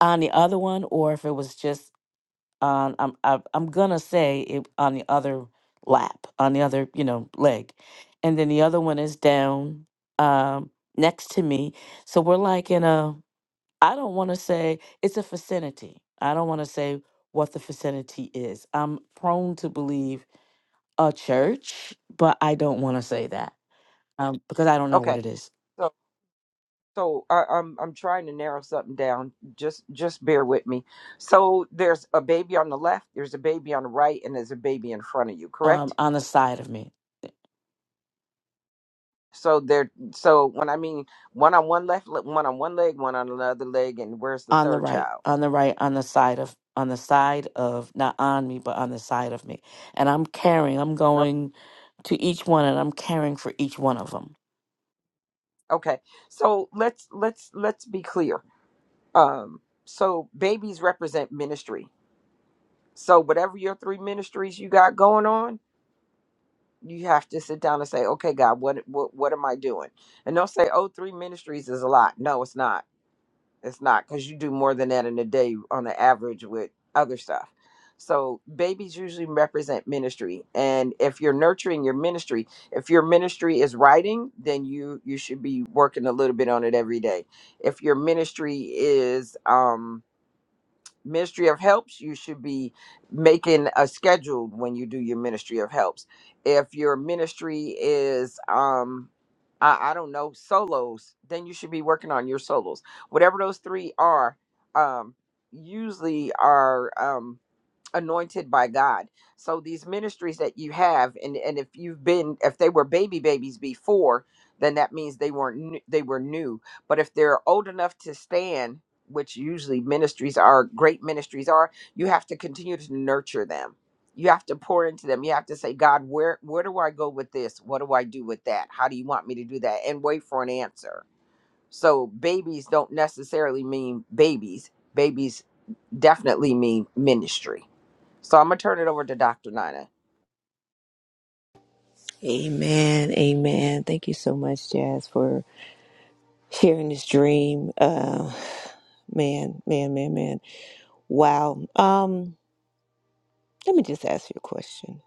on the other one or if it was just on I'm I, I'm gonna say it on the other lap, on the other you know leg, and then the other one is down um, next to me. So we're like in a I don't want to say it's a vicinity. I don't want to say what the vicinity is. I'm prone to believe a church, but I don't want to say that um, because I don't know what
Okay,
it is
so so I, I'm I'm trying to narrow something down. Just just bear with me. So there's a baby on the left. There's a baby on the right, and there's a baby in front of you.
um,
Correct?
on the side of me.
So they're so when I mean one on one left, le- one on one leg, one on another leg, and where's the
on the
third
right
child?
on the right on the side of on the side of not on me but on the side of me and i'm caring i'm
No.
going to each one and i'm caring for each one of them
Okay, so let's let's let's be clear. Um, so babies represent ministry. So whatever your three ministries you got going on, you have to sit down and say, okay, God, what what what am I doing? And don't say, oh, three ministries is a lot. No, it's not It's not because you do more than that in a day on the average with other stuff. So babies usually represent ministry, and if you're nurturing your ministry, if your ministry is writing, then you you should be working a little bit on it every day. If your ministry is um, ministry of helps you should be making a schedule when you do your ministry of helps if your ministry is um I, I don't know solos then you should be working on your solos whatever those three are um usually are um anointed by God. So these ministries that you have, and and if you've been, if they were baby babies before, then that means they weren't n- they were new. But if they're old enough to stand, which usually ministries are, great ministries are, you have to continue to nurture them. You have to pour into them. You have to say, God, where where do I go with this? What do I do with that? How do you want me to do that? And wait for an answer. So babies don't necessarily mean babies. Babies definitely mean ministry. So I'm gonna turn it over to Dr. Nina.
Amen. Amen. Thank you so much, Jazz, for sharing this dream. Uh, man, man, man, man. Wow. Um, let me just ask you a question.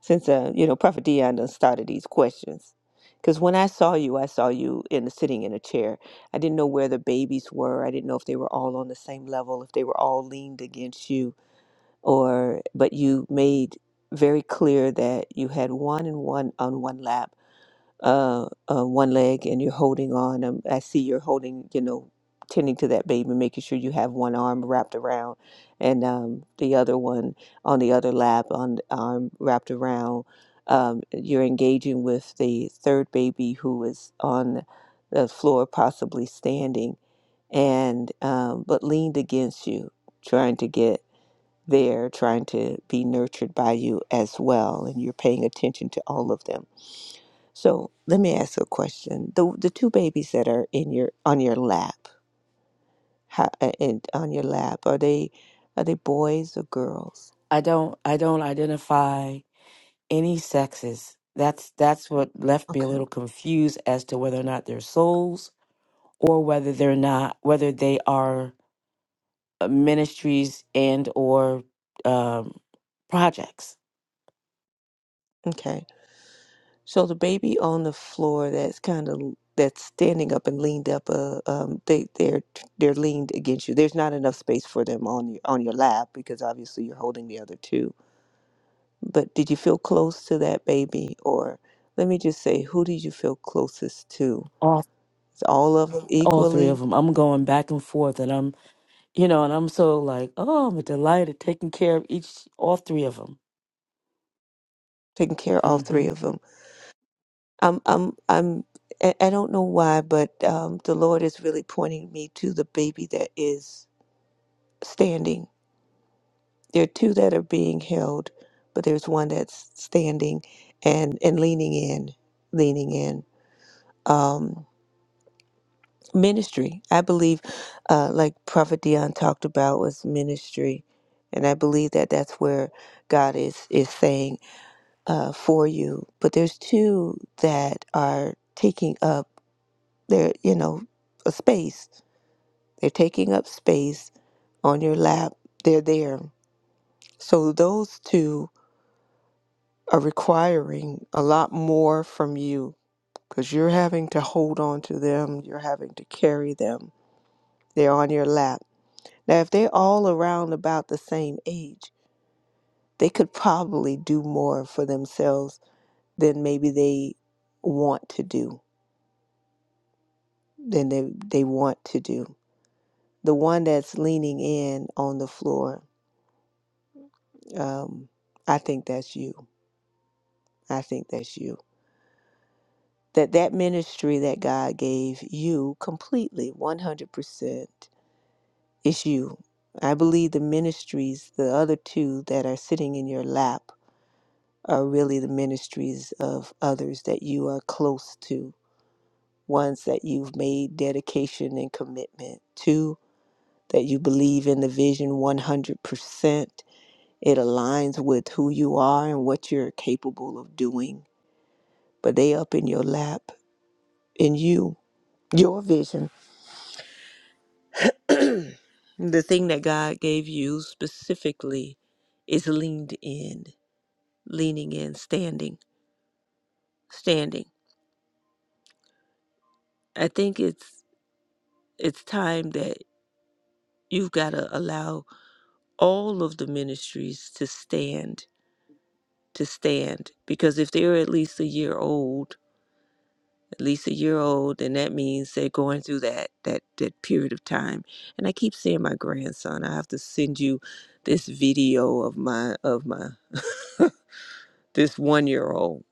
Since uh, you know, Prophet Dion done started these questions. Because when I saw you, I saw you in sitting in a chair. I didn't know where the babies were. I didn't know if they were all on the same level, if they were all leaned against you. or but you made very clear that you had one and one on one lap, uh, uh one leg, and you're holding on. Um, I see you're holding, you know, tending to that baby, making sure you have one arm wrapped around, and um, the other one on the other lap, on the arm wrapped around. Um, you're engaging with the third baby who is on the floor, possibly standing, and um, but leaned against you, trying to get they're trying to be nurtured by you as well and you're paying attention to all of them so let me ask a question the the two babies that are in your on your lap how, and on your lap are they are they boys or girls
i don't i don't identify any sexes that's that's what left me a
okay
little confused as to whether or not they're souls or whether they're not whether they are uh, ministries and or um projects
okay so the baby on the floor that's kind of that's standing up and leaned up uh, um they they're they're leaned against you there's not enough space for them on your on your lap because obviously you're holding the other two But did you feel close to that baby? Or let me just say, who did you feel closest to?
all
Is all of them
all three of
equally
them i'm going back and forth and i'm You know, and I'm so like, oh, I'm delighted taking care of each, all three of them.
taking care of all three
Mm-hmm.
of them? I'm, I'm, I'm, I I don't know why, but um, the Lord is really pointing me to the baby that is standing. There are two that are being held, but there's one that's standing and, and leaning in, leaning in. Um, ministry. I believe, uh, like Prophet Dion talked about, was ministry, and I believe that that's where God is is saying uh, for you. But there's two that are taking up their, you know, a space. They're taking up space on your lap. They're there. So those two are requiring a lot more from you because you're having to hold on to them. You're having to carry them. They're on your lap Now, if they're all around about the same age, they could probably do more for themselves than maybe they want to do, than they, they want to do. The one that's leaning in on the floor, um, I think that's you. I think that's you. That that ministry that God gave you completely, 100%, is you. I believe the ministries, the other two that are sitting in your lap, are really the ministries of others that you are close to, ones that you've made dedication and commitment to, that you believe in the vision 100%. It aligns with who you are and what you're capable of doing, but they up in your lap, in you, your vision. the thing that God gave you specifically is leaned in, leaning in, standing, standing. I think it's it's time that You've got to allow all of the ministries to stand, to stand. Because if they're at least a year old, at least a year old, then that means they're going through that that that period of time. And I keep seeing my grandson. I have to send you this video of my of my this one year old.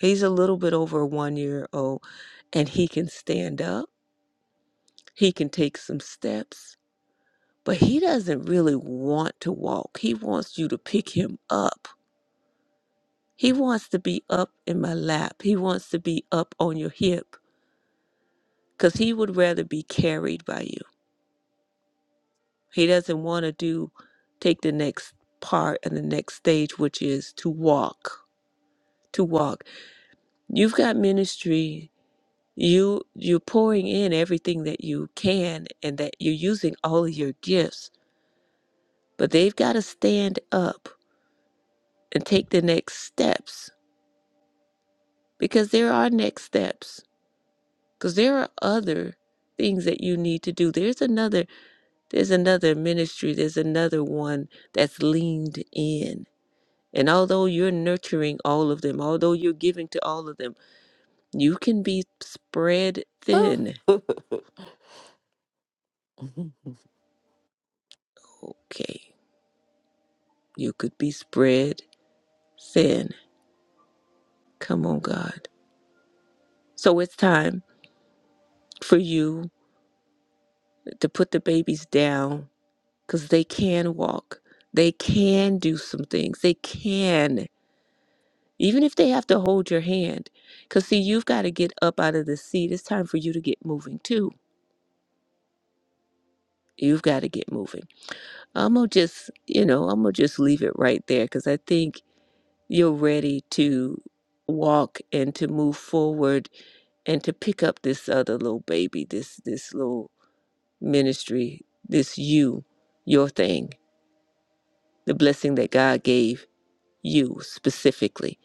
He's a little bit over one year old and he can stand up. He can take some steps, but he doesn't really want to walk. He wants you to pick him up He wants to be up in my lap. He wants to be up on your hip because he would rather be carried by you. He doesn't want to do, take the next part and the next stage, which is to walk, to walk. You've got ministry. You, you're pouring in everything that you can and that you're using all of your gifts, but they've got to stand up and take the next steps because there are next steps because there are other things that you need to do. There's another There's another ministry, there's another one that's leaned in. And although you're nurturing all of them, although you're giving to all of them, you can be spread thin.
Mhm.
Okay, you could be spread thin. Come on, God. So it's time for you to put the babies down because they can walk, they can do some things, they can. even if they have to hold your hand because see you've got to get up out of the seat it's time for you to get moving too you've got to get moving i'm gonna just you know i'm gonna just leave it right there because i think you're ready to walk and to move forward and to pick up this other little baby this this little ministry this you your thing the blessing that god gave you specifically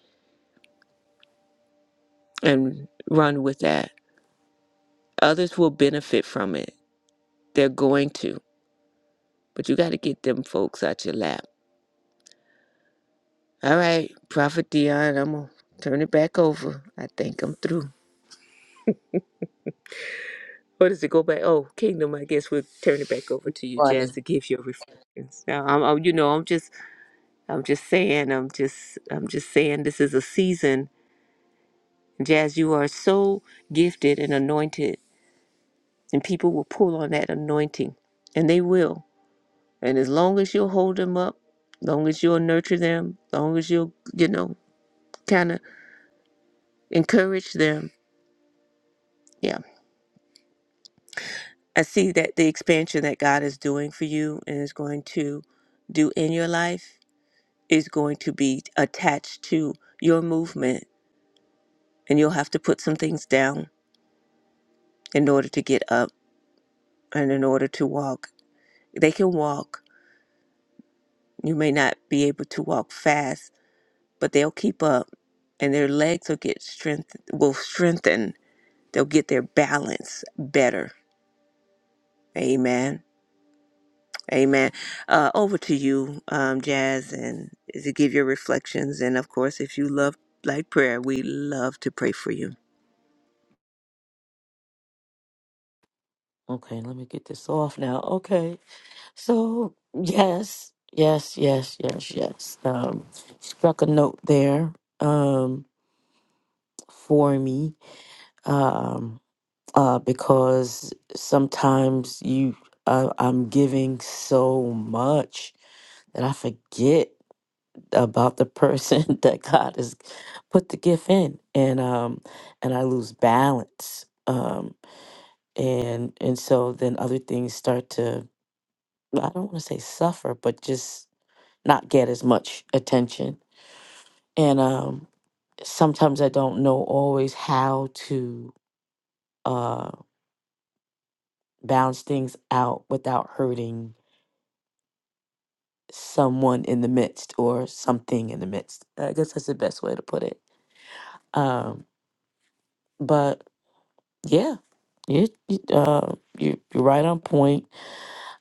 and run with that others will benefit from it they're going to But you got to get them folks out your lap. All right, Prophet Dion, I'm going to turn it back over. I think I'm through. Or does it go back? Oh, Kingdom, I guess we'll turn it back over to you, Jazz, to give your reflections. Now, I'm, I'm, you know, I'm just, I'm just saying, I'm just, I'm just saying this is a season. Jazz, you are so gifted and anointed, and people will pull on that anointing, and they will. And as long as you'll hold them up, long as you'll nurture them, long as you'll, you know, kind of encourage them, Yeah. I see that the expansion that God is doing for you and is going to do in your life is going to be attached to your movement. And you'll have to put some things down in order to get up and in order to walk. They can walk. You may not be able to walk fast, but they'll keep up and their legs will get strength will strengthen. They'll get their balance better. Amen. Amen. Uh, over to you, um, Jazz, and to give your reflections. And of course, if you love like prayer, we love to pray for you.
okay, let me get this off now. Okay, so yes, yes, yes, yes, yes. Um, struck a note there. Um, for me, um, uh, because sometimes you, uh, I'm giving so much that I forget. about the person that God has put the gift in, and um, and I lose balance, um, and and so then other things start to I don't want to say suffer, but just not get as much attention, and um, sometimes I don't know always how to uh, balance things out without hurting someone in the midst or something in the midst. I guess that's the best way to put it. Um, but Yeah, you, you, uh, you you're right on point.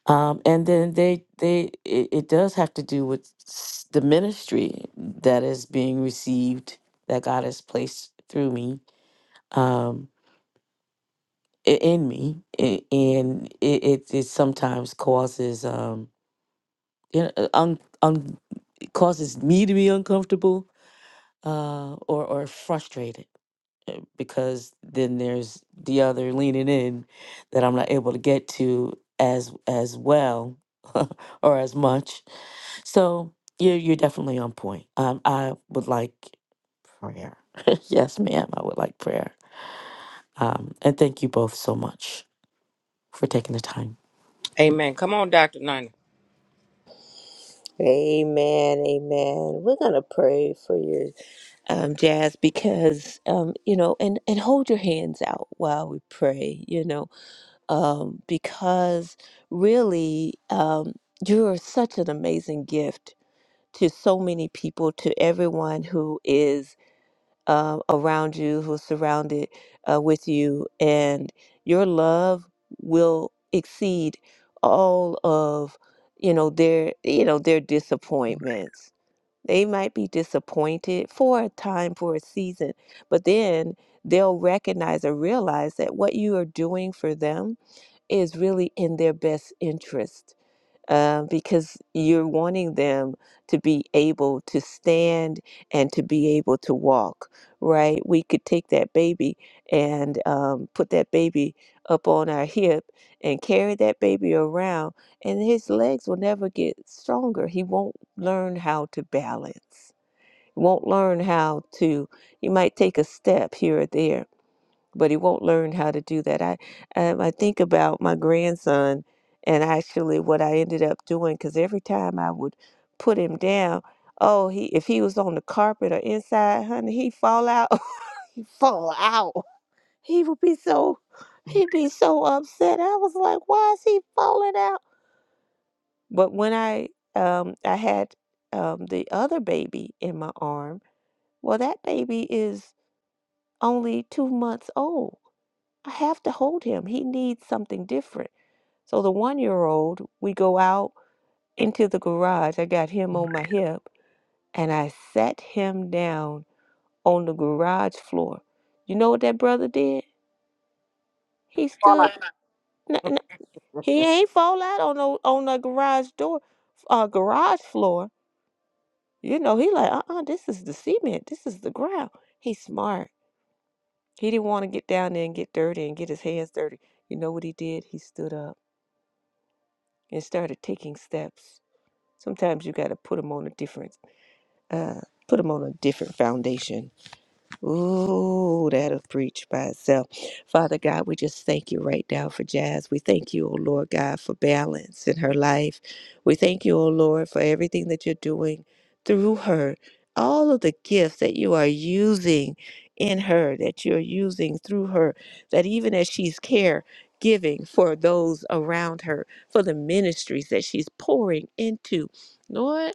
Um, and then they they it, it does have to do with s- the ministry that is being received that God has placed through me, um, i- in me, a- and it it, it sometimes causes um you know uh, un, un, it causes me to be uncomfortable uh or or frustrated because then there's the other leaning in that I'm not able to get to as as well or as much. So you're you're definitely on point. Um, I would like prayer. yes, ma'am. I would like prayer. Um, and thank you both so much for taking the time.
Amen. Come on, Dr. Nina.
Amen, amen. We're gonna pray for you, um, Jazz, because um, you know, and and hold your hands out while we pray, you know, um, because really, um, you're such an amazing gift to so many people, to everyone who is um, around you, who's surrounded uh, with you, and your love will exceed all of you know their you know their disappointments. They might be disappointed for a time, for a season, but then they'll recognize or realize that what you are doing for them is really in their best interest uh, because you're wanting them to be able to stand and to be able to walk, right? We could take that baby and um, put that baby up on our hip and carry that baby around, and his legs will never get stronger. He won't learn how to balance, won't learn how to, he might take a step here or there but he won't learn how to do that. I um, I think about my grandson and actually what I ended up doing because every time I would put him down, oh he if he was on the carpet or inside, honey, he'd fall out. he'd fall out. He would be so he'd be so upset. I was like, why is he falling out? But when I um I had um the other baby in my arm, well that baby is only two months old I have to hold him. He needs something different. So the one year old, we go out into the garage. I got him on my hip and I sat him down on the garage floor. You know what that brother did? He
All
stood. N- n- he
right.
ain't fall out on no on the garage door, uh, garage floor. You know he like uh uh This is the cement. This is the ground. He's smart. He didn't want to get down there and get dirty and get his hands dirty. You know what he did? He stood up and started taking steps Sometimes you got to put them on a different, uh, put them on a different foundation. Ooh, that'll preach by itself. Father God, we just thank you right now for Jazz. We thank you, oh Lord God, for balance in her life. We thank you, oh Lord, for everything that you're doing through her. All of the gifts that you are using in her, that you're using through her, that even as she's care giving for those around her, for the ministries that she's pouring into. Lord,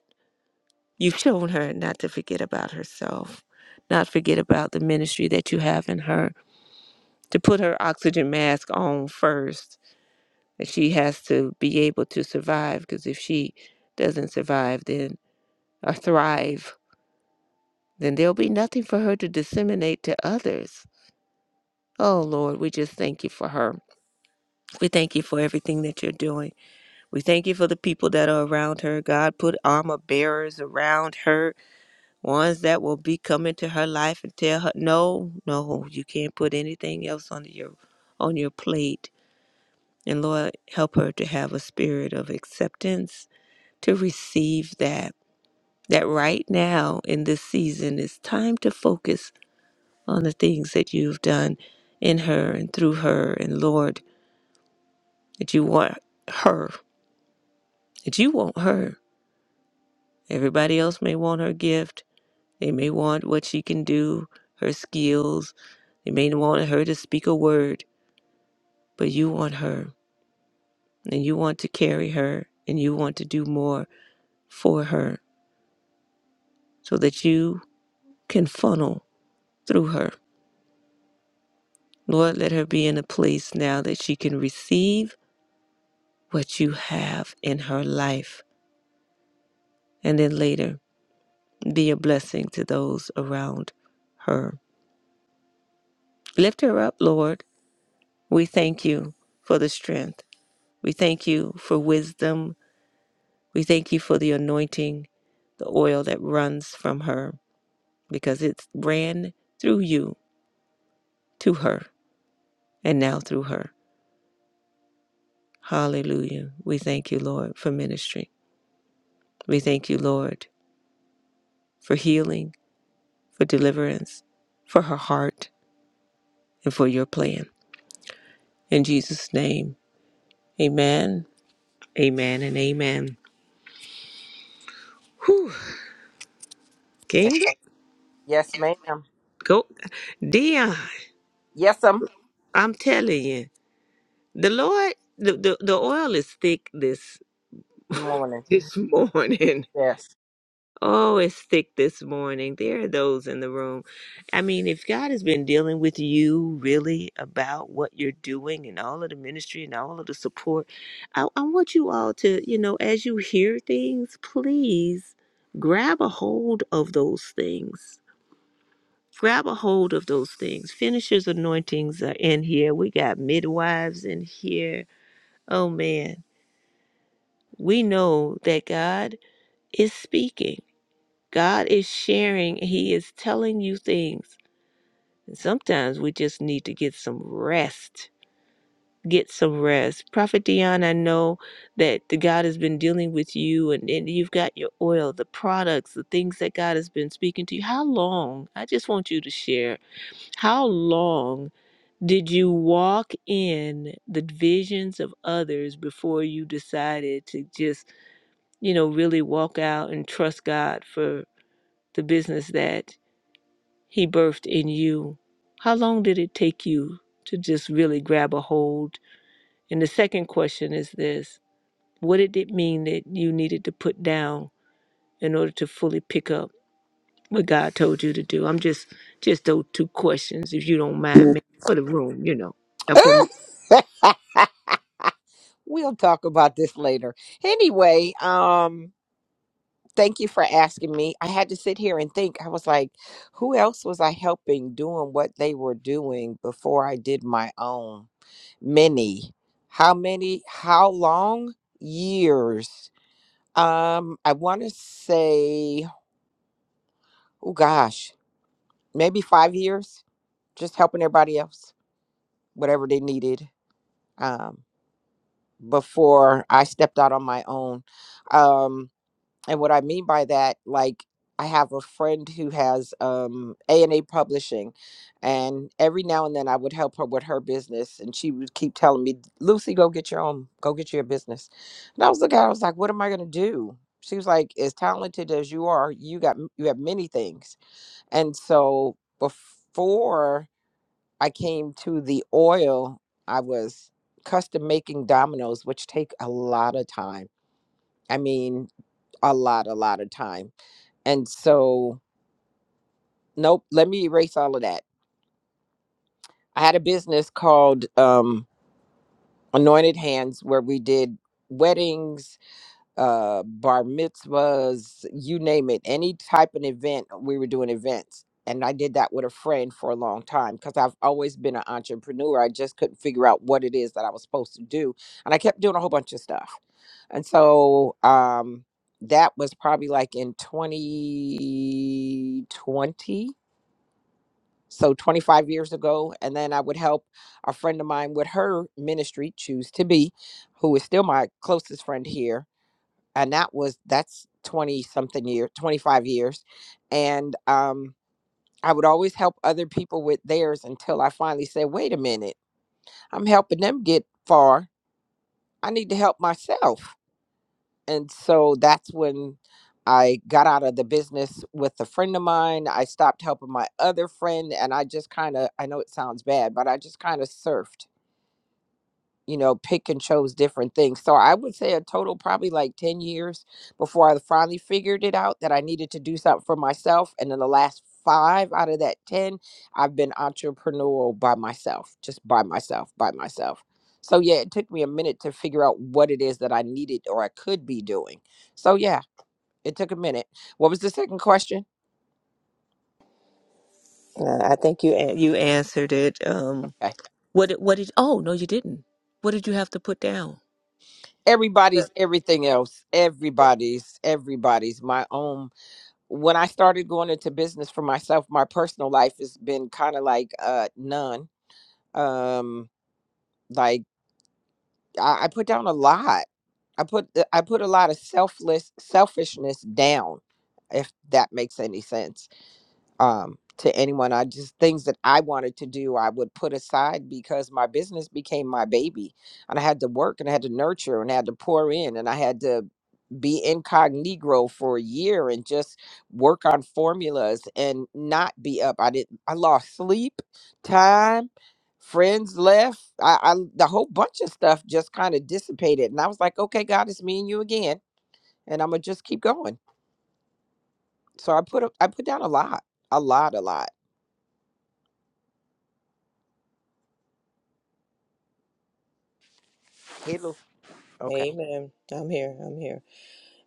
You've shown her not to forget about herself, not forget about the ministry that you have in her, to put her oxygen mask on first. That she has to be able to survive, because if she doesn't survive, then or thrive, then there'll be nothing for her to disseminate to others. Oh Lord, we just thank you for her. We thank you for everything that you're doing. We thank you for the people that are around her. God, put armor bearers around her ones that will be coming to her life and tell her no no you can't put anything else on your on your plate and lord help her to have a spirit of acceptance to receive that that right now in this season it's time to focus on the things that you've done in her and through her and lord that you want her that you want her everybody else may want her gift They may want what she can do, her skills. They may want her to speak a word, but you want her and you want to carry her and you want to do more for her so that you can funnel through her. Lord, let her be in a place now that she can receive what you have in her life and then later be a blessing to those around her. Lift her up, Lord. We thank you for the strength. We thank you for wisdom. We thank you for the anointing, the oil that runs from her, because it ran through you to her and now through her. Hallelujah. We thank you, Lord, for ministry. We thank you, Lord, for healing, for deliverance, for her heart, and for your plan. In Jesus' name, amen, amen, and amen. Whew, King,
Yes, ma'am.
go. Dion,
Yes, um.
I'm telling you, the Lord, the, the, the oil is thick this
Morning.
this morning.
Yes.
Oh, it's thick this morning. There are those in the room. I mean, if God has been dealing with you really about what you're doing and all of the ministry and all of the support, I, I want you all to, you know, as you hear things, please grab a hold of those things. Grab a hold of those things. Finishers' anointings are in here. We got midwives in here. Oh, man. We know that God is speaking God is sharing, He is telling you things. And sometimes we just need to get some rest. Get some rest. Prophet Dion, I know that the God has been dealing with you and, and you've got your oil, the products, the things that God has been speaking to you. How long? I just want you to share. How long did you walk in the visions of others before you decided to just, you know, really walk out and trust God for the business that He birthed in you. How long did it take you to just really grab a hold? And the second question is this What did it mean that you needed to put down in order to fully pick up what God told you to do? I'm just, just those two questions, if you don't mind me, for the room, you know, and for me.
we'll talk about this later. Anyway, um, thank you for asking me. I had to sit here and think. I was like, who else was I helping doing what they were doing before I did my own? Many. How many? How long? Years. Um, I want to say, oh gosh. maybe five years, just helping everybody else, whatever they needed, um, before I stepped out on my own. Um, and what I mean by that, like, I have a friend who has um, A&A Publishing, and every now and then I would help her with her business, and she would keep telling me, "Lucy, go get your own, go get your business." And I was looking, at her, I was like, "What am I gonna do?" She was like, "As talented as you are, you got m- you have many things." And so before I came to the oil, I was custom making dominoes, which take a lot of time. I mean, a lot, a lot of time. And so, nope, let me erase all of that. I had a business called um, Anointed Hands where we did weddings uh bar mitzvahs you name it any type of event we were doing events and i did that with a friend for a long time because i've always been an entrepreneur i just couldn't figure out what it is that i was supposed to do and i kept doing a whole bunch of stuff and so um that was probably like in 2020 so 25 years ago and then i would help a friend of mine with her ministry choose to be who is still my closest friend here and that was that's 20 something year 25 years and um i would always help other people with theirs until i finally said wait a minute i'm helping them get far i need to help myself and so that's when i got out of the business with a friend of mine i stopped helping my other friend and i just kind of i know it sounds bad but i just kind of surfed you know, pick and chose different things. So I would say a total probably like 10 years before I finally figured it out that I needed to do something for myself. And in the last five out of that 10, I've been entrepreneurial by myself, just by myself, by myself. So yeah, it took me a minute to figure out what it is that I needed or I could be doing. So yeah, it took a minute. What was the second question?
Uh, I think you an- you answered it. Um,
Okay.
What, did- what did, oh, no, you didn't. What did you have to put down? Yep.
Everybody's everything else. Everybody's, everybody's my own when I started going into business for myself, my personal life has been kind of like uh none. Um like I, I put down a lot. I put uh, I put a lot of selfless selfishness down, if that makes any sense um, to anyone. I just things that I wanted to do, I would put aside because my business became my baby, and I had to work and I had to nurture and I had to pour in and I had to be incognito for a year and just work on formulas and not be up. I didn't. I lost sleep, time. Friends left. I, I the whole bunch of stuff just kind of dissipated, and I was like, "Okay, God, it's me and you again," and I'm gonna just keep going. So I put up, I put down a lot, a lot, a lot. Okay.
Amen. I'm here. I'm here.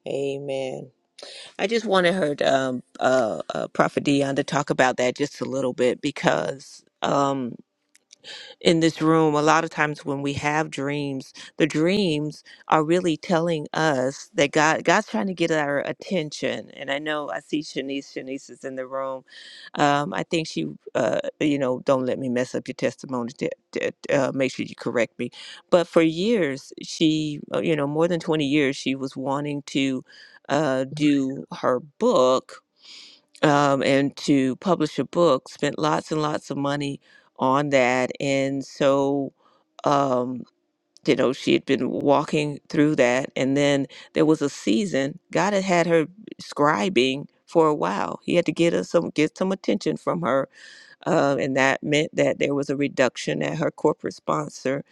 Amen. I just wanted her to, um, uh, uh, Prophet Dion to talk about that just a little bit because. um, in this room, a lot of times when we have dreams, the dreams are really telling us that God God's trying to get our attention. And I know I see Shanice. Shanice is in the room. Um, I think she, uh, you know, don't let me mess up your testimony. t- t- uh, make sure you correct me. But for years, she, uh, you know, more than twenty years, she was wanting to uh, do her book um, and to publish a book, spent lots and lots of money on that. And so, um, you know, she had been walking through that. And then there was a season, God had had her scribing for a while. He had to get her some get some attention from her uh, and that meant that there was a reduction at her corporate sponsor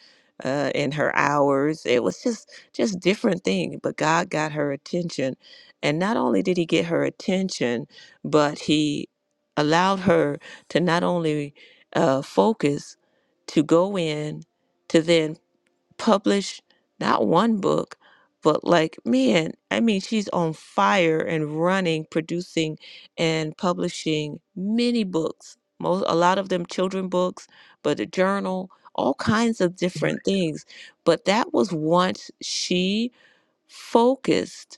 uh, in her hours. It was just just different thing. But God got her attention. And not only did he get her attention, but he allowed her to not only uh, focus, to go in, to then published not one book, but like, man, I mean, she's on fire and running, producing and publishing many books. Most, a lot of them children books, but a journal, all kinds of different things. But that was once she focused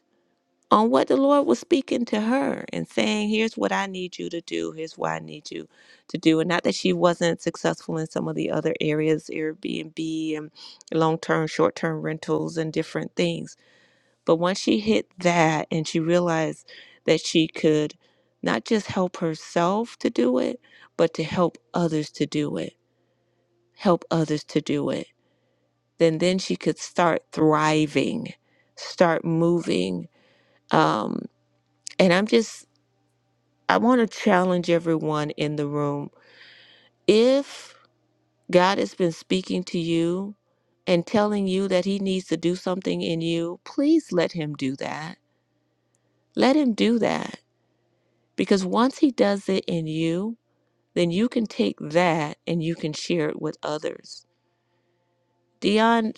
on what the Lord was speaking to her and saying, Here's what I need you to do. Here's what I need you to do. And not that she wasn't successful in some of the other areas, Airbnb and long term, short term rentals and different things. But once she hit that and she realized that she could not just help herself to do it, but to help others to do it, help others to do it, then then she could start thriving, start moving. Um, and I'm just I want to challenge everyone in the room. If God has been speaking to you and telling you that He needs to do something in you, please let Him do that. Let Him do that. Because once He does it in you, then you can take that and you can share it with others. Dion,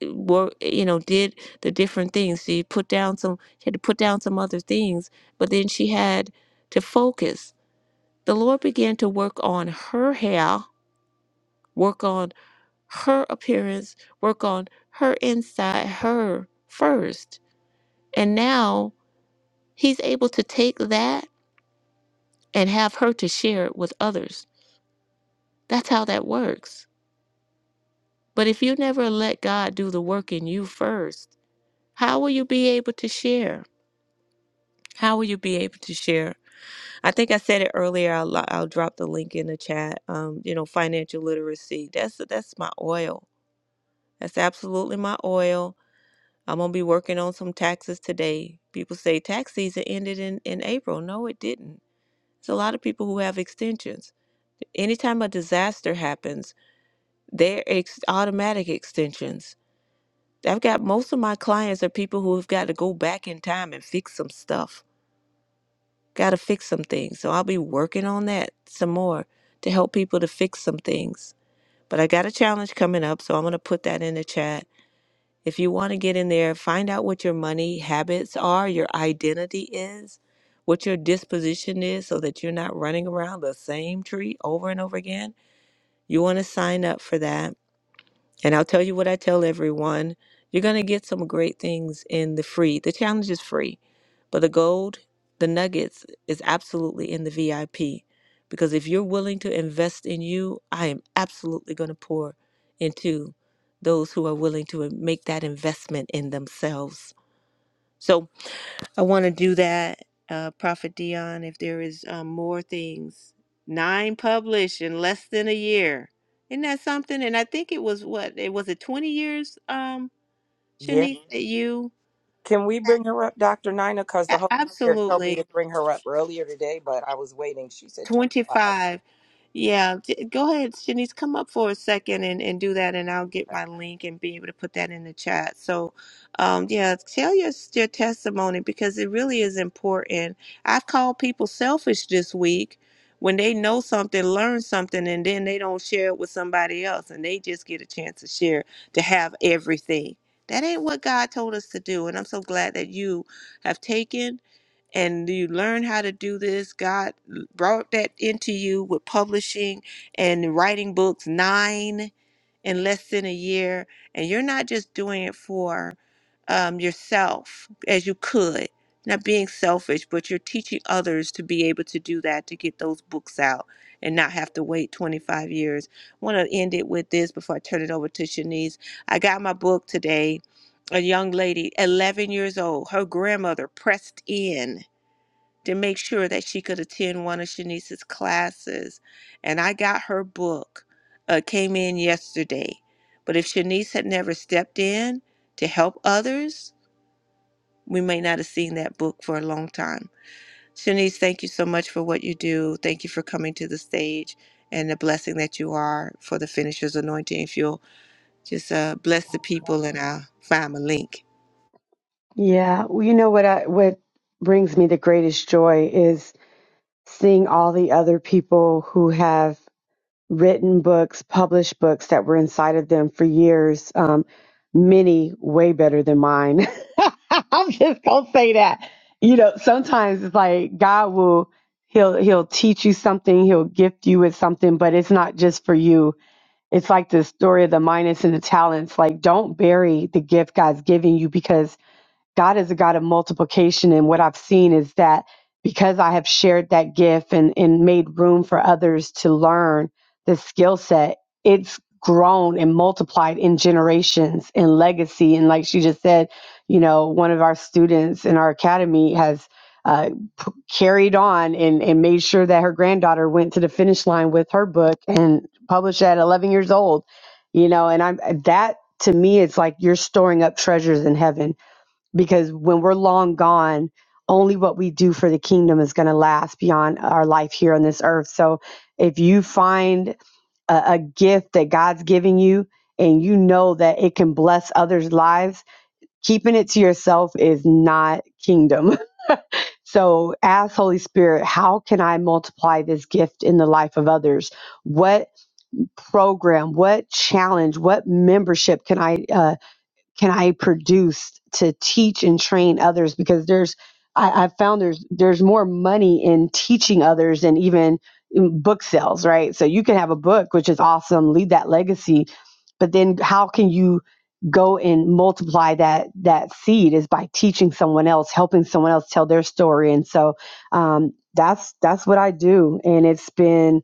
eh, wor- eh, you know, did the different things. She put down some. She had to put down some other things, but then she had to focus. The Lord began to work on her hair, work on her appearance, work on her inside, her first. And now he's able to take that and have her to share it with others. That's how that works. But if you never let God do the work in you first, how will you be able to share? How will you be able to share? I think I said it earlier. I'll, I'll drop the link in the chat. Um, you know, financial literacy. That's that's my oil. That's absolutely my oil I'm gonna be working on some taxes today. People say tax season ended in, in April. No, it didn't. It's a lot of people who have extensions. Anytime a disaster happens, they're ex- automatic extensions. I've got most of my clients are people who have got to go back in time and fix some stuff. Got to fix some things. So I'll be working on that some more to help people to fix some things. But I got a challenge coming up, so I'm gonna put that in the chat If you want to get in there, find out what your money habits are, your identity is, what your disposition is, so that you're not running around the same tree over and over again. You want to sign up for that. And I'll tell you what I tell everyone you're going to get some great things in the free. The challenge is free, but the gold, the nuggets is absolutely in the VIP. Because if you're willing to invest in you, I am absolutely going to pour into those who are willing to make that investment in themselves. So, I want to do that, uh, Prophet Dion. If there is um, more things, nine published in less than a year, isn't that something? And I think it was what it was it twenty years, um,
Yeah.
Shanice, that you
Can we bring
A-
her up, Dr. Nina? Because the Holy Spirit told me to
absolutely.
bring her up earlier today, but I was waiting. She said 25.
25. Yeah, j- go ahead, Shanice. Come up for a second and, and do that, and I'll get my link and be able to put that in the chat. So, um, yeah, tell your, your testimony because it really is important. I've called people selfish this week when they know something, learn something, and then they don't share it with somebody else, and they just get a chance to share, to have everything. That ain't what God told us to do. And I'm so glad that you have taken and you learn how to do this. God brought that into you with publishing and writing books nine in less than a year. And you're not just doing it for um, yourself as you could, not being selfish, but you're teaching others to be able to do that to get those books out and not have to wait 25 years. I want to end it with this before I turn it over to Shanice. I got my book today. A young lady, 11 years old, her grandmother pressed in to make sure that she could attend one of Shanice's classes. And I got her book, uh, came in yesterday. But if Shanice had never stepped in to help others, we may not have seen that book for a long time. Shanice, thank you so much for what you do. Thank you for coming to the stage and the blessing that you are for the finisher's anointing. If you'll just uh, bless the people and I'll find my link.
Yeah, well, you know what I what brings me the greatest joy is seeing all the other people who have written books, published books that were inside of them for years. Um, many way better than mine. I'm just gonna say that. You know, sometimes it's like God will he'll he'll teach you something, he'll gift you with something, but it's not just for you. It's like the story of the minus and the talents. Like, don't bury the gift God's giving you because God is a God of multiplication. And what I've seen is that because I have shared that gift and, and made room for others to learn the skill set, it's grown and multiplied in generations and legacy. And like she just said, you know, one of our students in our academy has uh, p- carried on and, and made sure that her granddaughter went to the finish line with her book and published at 11 years old, you know, and I'm that to me, it's like you're storing up treasures in heaven because when we're long gone, only what we do for the kingdom is going to last beyond our life here on this earth. So if you find a, a gift that God's giving you and you know that it can bless others' lives, keeping it to yourself is not kingdom. So ask Holy Spirit, how can I multiply this gift in the life of others? What program, what challenge, what membership can I? uh, can I produce to teach and train others? Because there's, I, I've found there's there's more money in teaching others than even in book sales, right? So you can have a book, which is awesome, leave that legacy, but then how can you go and multiply that that seed is by teaching someone else, helping someone else tell their story, and so um, that's that's what I do, and it's been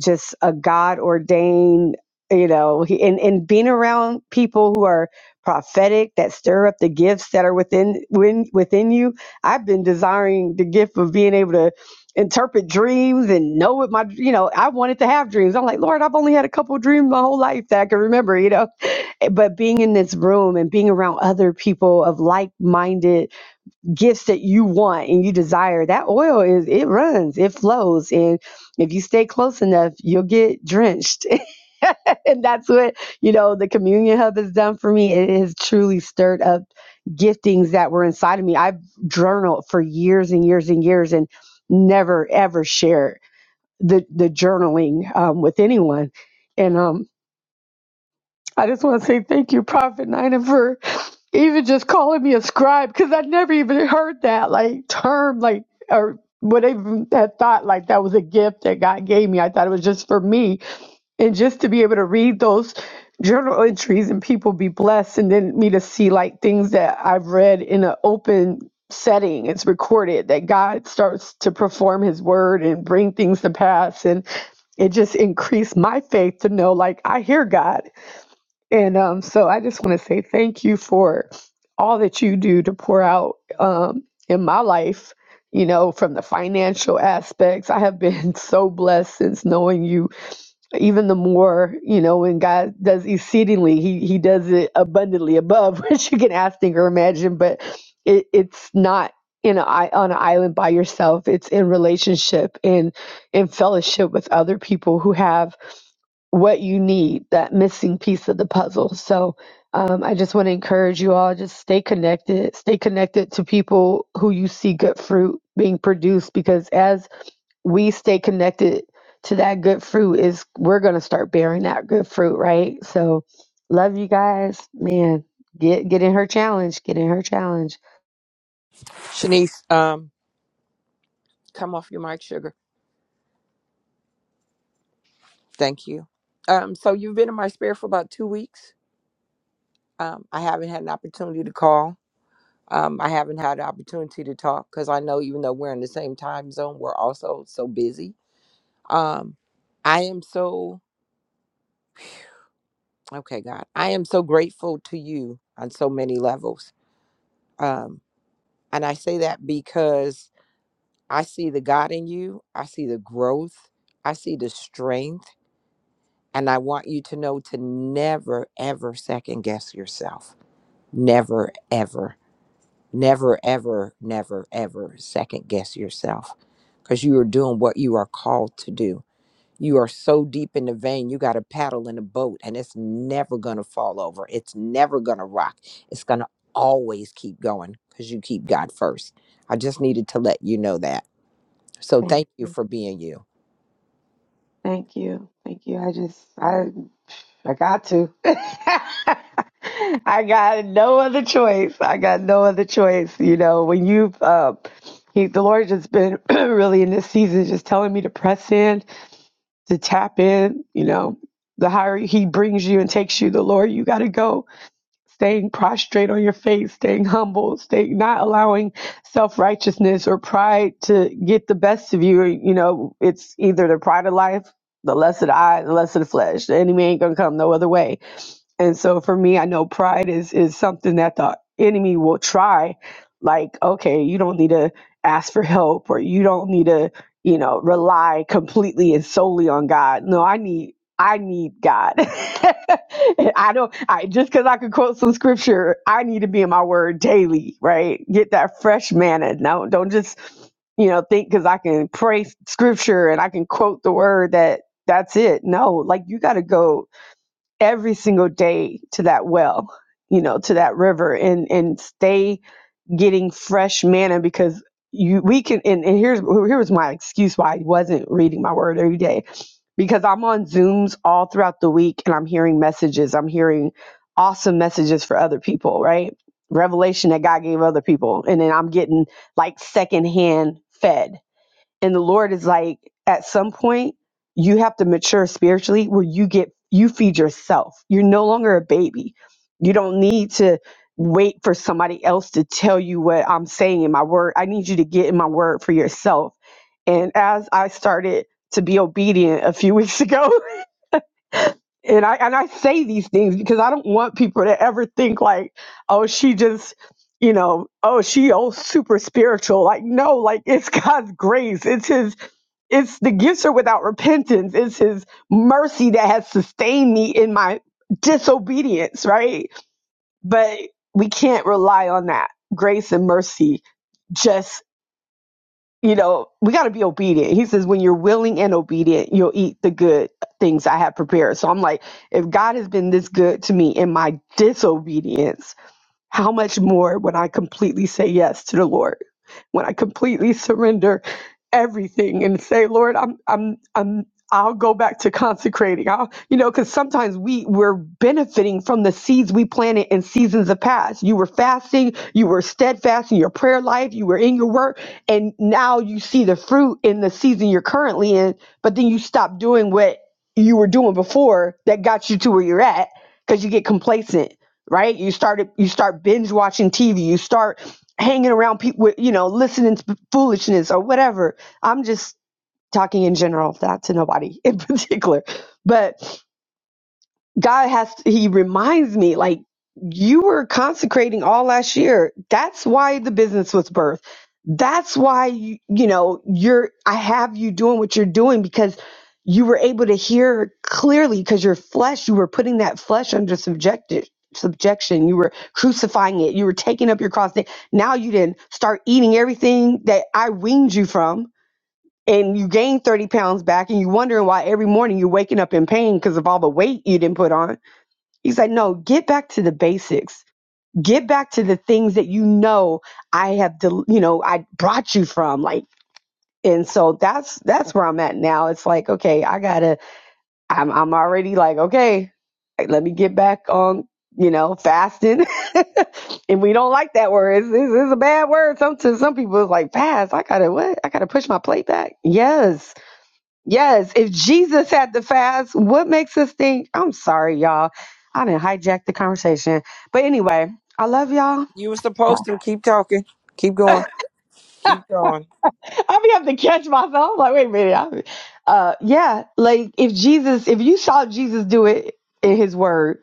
just a God ordained, you know, he, and, and being around people who are prophetic that stir up the gifts that are within within within you. I've been desiring the gift of being able to interpret dreams and know what my you know I wanted to have dreams. I'm like, Lord, I've only had a couple dreams my whole life that I can remember, you know. But being in this room and being around other people of like-minded gifts that you want and you desire that oil is it runs it flows and if you stay close enough you'll get drenched and that's what you know the communion hub has done for me it has truly stirred up giftings that were inside of me i've journaled for years and years and years and never ever shared the the journaling um, with anyone and um I just want to say thank you, Prophet Nina, for even just calling me a scribe because I never even heard that like term, like or what even had thought like that was a gift that God gave me. I thought it was just for me, and just to be able to read those journal entries and people be blessed, and then me to see like things that I've read in an open setting it's recorded that god starts to perform his word and bring things to pass and it just increased my faith to know like i hear god and um, so I just want to say thank you for all that you do to pour out um, in my life, you know, from the financial aspects. I have been so blessed since knowing you even the more you know when god does exceedingly he he does it abundantly above which you can ask think or imagine but it, it's not in a, i- on an island by yourself it's in relationship in in fellowship with other people who have what you need that missing piece of the puzzle so um, i just want to encourage you all just stay connected stay connected to people who you see good fruit being produced because as we stay connected to that good fruit is we're gonna start bearing that good fruit, right? So love you guys. Man, get get in her challenge. Get in her challenge.
Shanice, um, come off your mic, sugar. Thank you. Um, so you've been in my spirit for about two weeks. Um, I haven't had an opportunity to call. Um, I haven't had an opportunity to talk because I know even though we're in the same time zone, we're also so busy. Um, I am so, okay, God, I am so grateful to you on so many levels. Um, and I say that because I see the God in you. I see the growth. I see the strength. And I want you to know to never, ever second guess yourself. Never, ever, never, ever, never, ever second guess yourself because you are doing what you are called to do. You are so deep in the vein, you got a paddle in a boat and it's never going to fall over. It's never going to rock. It's going to always keep going because you keep God first. I just needed to let you know that. So
Thank
thank you
you.
for being you.
Thank you. Thank you. I just I I got to. I got no other choice. I got no other choice. You know, when you've uh he the Lord just been really in this season just telling me to press in to tap in, you know, the higher he brings you and takes you, the lower you got to go staying prostrate on your face, staying humble, staying not allowing self righteousness or pride to get the best of you. You know, it's either the pride of life, the lust of the eye, the lust of the flesh. The enemy ain't gonna come no other way. And so for me, I know pride is is something that the enemy will try. Like, okay, you don't need to ask for help, or you don't need to, you know, rely completely and solely on God. No, I need I need God. I don't I just because I could quote some scripture, I need to be in my word daily, right? Get that fresh manna. No, don't just, you know, think because I can pray scripture and I can quote the word that that's it. No, like you gotta go every single day to that well, you know, to that river and and stay getting fresh manna because you we can and, and here's here was my excuse why I wasn't reading my word every day. Because I'm on Zooms all throughout the week and I'm hearing messages. I'm hearing awesome messages for other people, right? Revelation that God gave other people. And then I'm getting like secondhand fed and the Lord is like, at some point, you have to mature spiritually where you get, you feed yourself. You're no longer a baby. You don't need to wait for somebody else to tell you what I'm saying in my word. I need you to get in my word for yourself. And as I started to be obedient a few weeks ago, and I and I say these things because I don't want people to ever think like, oh, she just you know, oh, she oh super spiritual. Like, no, like it's God's grace. It's his it's the gifts are without repentance. It's his mercy that has sustained me in my disobedience, right? But we can't rely on that. Grace and mercy just you know we got to be obedient he says when you're willing and obedient you'll eat the good things i have prepared so i'm like if god has been this good to me in my disobedience how much more when I completely say yes to the Lord, when I completely surrender everything and say, Lord, I'm, I'm, I'm, I'll go back to consecrating. I'll, you know, because sometimes we we're benefiting from the seeds we planted in seasons of past. You were fasting, you were steadfast in your prayer life, you were in your work, and now you see the fruit in the season you're currently in. But then you stop doing what you were doing before that got you to where you're at because you get complacent right? You started you start binge watching TV, you start hanging around people with, you know, listening to foolishness or whatever. I'm just talking in general, not to nobody in particular. But God has, he reminds me, like, you were consecrating all last year. That's why the business was birthed. That's why, you, you know, you're, I have you doing what you're doing because you were able to hear clearly because your flesh, you were putting that flesh under subjected subjection you were crucifying it you were taking up your cross now you didn't start eating everything that i weaned you from and you gained 30 pounds back and you're wondering why every morning you're waking up in pain because of all the weight you didn't put on He's like, no, get back to the basics. Get back to the things that you know I have, del- you know, I brought you from. Like, and so that's that's where I'm at now. It's like, okay, I gotta. I'm I'm already like, okay, like, let me get back on, you know, fasting. and we don't like that word. It's, it's, it's a bad word. Some to some people, it's like fast. I gotta what? I gotta push my plate back. Yes Yes, if Jesus had to fast, what makes us think? I'm sorry, y'all. I didn't hijack the conversation. But anyway, I love y'all.
You were
Yeah.
supposed to keep talking. Keep going. Keep going.
i be have to catch myself. Like, wait a minute. I- uh, yeah, like if Jesus, if you saw Jesus do it in his word,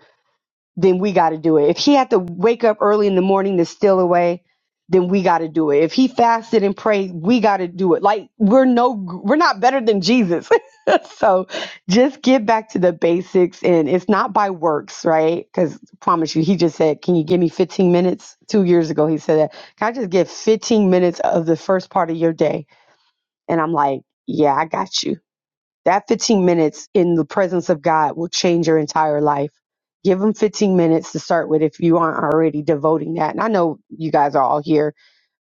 then we got to do it. If he had to wake up early in the morning to steal away, then we got to do it. If he fasted and prayed, we got to do it. Like we're no, we're not better than Jesus. so just get back to the basics, and it's not by works, right? Because promise you, he just said, "Can you give me 15 minutes?" Two years ago, he said that. Can I just get 15 minutes of the first part of your day? And I'm like, "Yeah, I got you." That 15 minutes in the presence of God will change your entire life. Give them 15 minutes to start with if you aren't already devoting that. And I know you guys are all here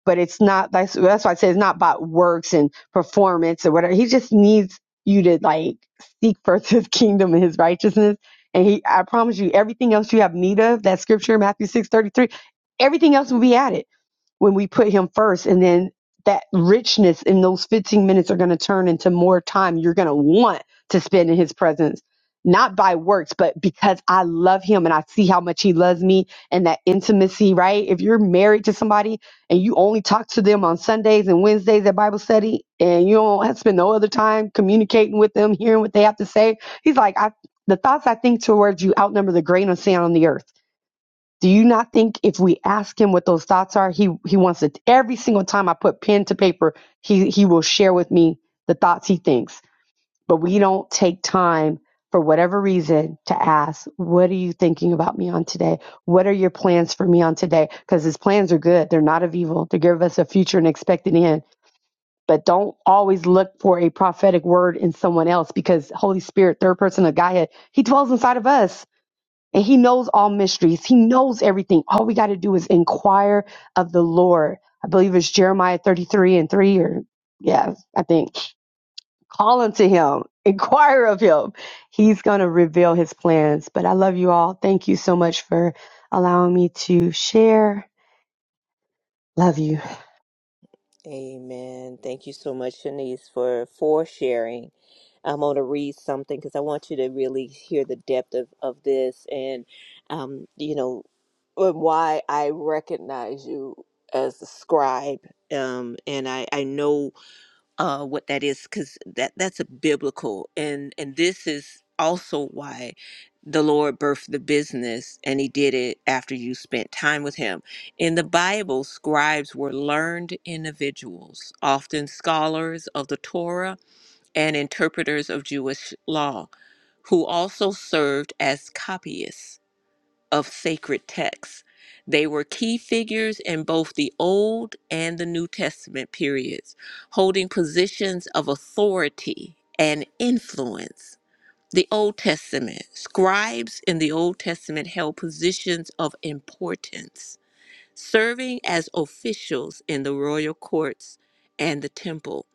but it's not that's that's why I say it's not about works and performance or whatever. He just needs you to like seek first his kingdom and his righteousness. And he I promise you, everything else you have need of, that scripture Matthew six thirty three, everything else will be added when we put him first and then that richness in those 15 minutes are going to turn into more time you're going to want to spend in his presence not by works but because i love him and i see how much he loves me and that intimacy right if you're married to somebody and you only talk to them on Sundays and Wednesdays at Bible study, and you don't have to spend no other time communicating with them, hearing what they have to say. He's like, I, the thoughts I think towards you outnumber the grain of sand on the earth. Do you not think if we ask him what those thoughts are, he he wants it every single time I put pen to paper, he he will share with me the thoughts he thinks but we don't take time for whatever reason to ask, what are you thinking about me on today? What are your plans for me on today? Because his plans are good. They're not of evil. They give us a future and expect an end. But don't always look for a prophetic word in someone else because Holy Spirit, third person of Godhead, he dwells inside of us and he knows all mysteries. He knows everything. All we got to do is inquire of the Lord. I believe it's Jeremiah 33 and 3 or yeah, I think. Call unto him, inquire of him. He's going to reveal his plans. But I love you all. Thank you so much for allowing me to share. Love you.
Amen. Thank you so much, Shanice, for for sharing. I'm going to read something because I want you to really hear the depth of, of this and, um, you know, and why I recognize you as a scribe. Um, and I, I know uh, what that is because that that's a biblical and and this is also why the Lord birthed the business and he did it after you spent time with him. In the Bible, scribes were learned individuals, often scholars of the Torah and interpreters of Jewish law, who also served as copyists of sacred texts. They were key figures in both the Old and the New Testament periods, holding positions of authority and influence. The Old Testament scribes in the Old Testament held positions of importance, serving as officials in the royal courts and the temple.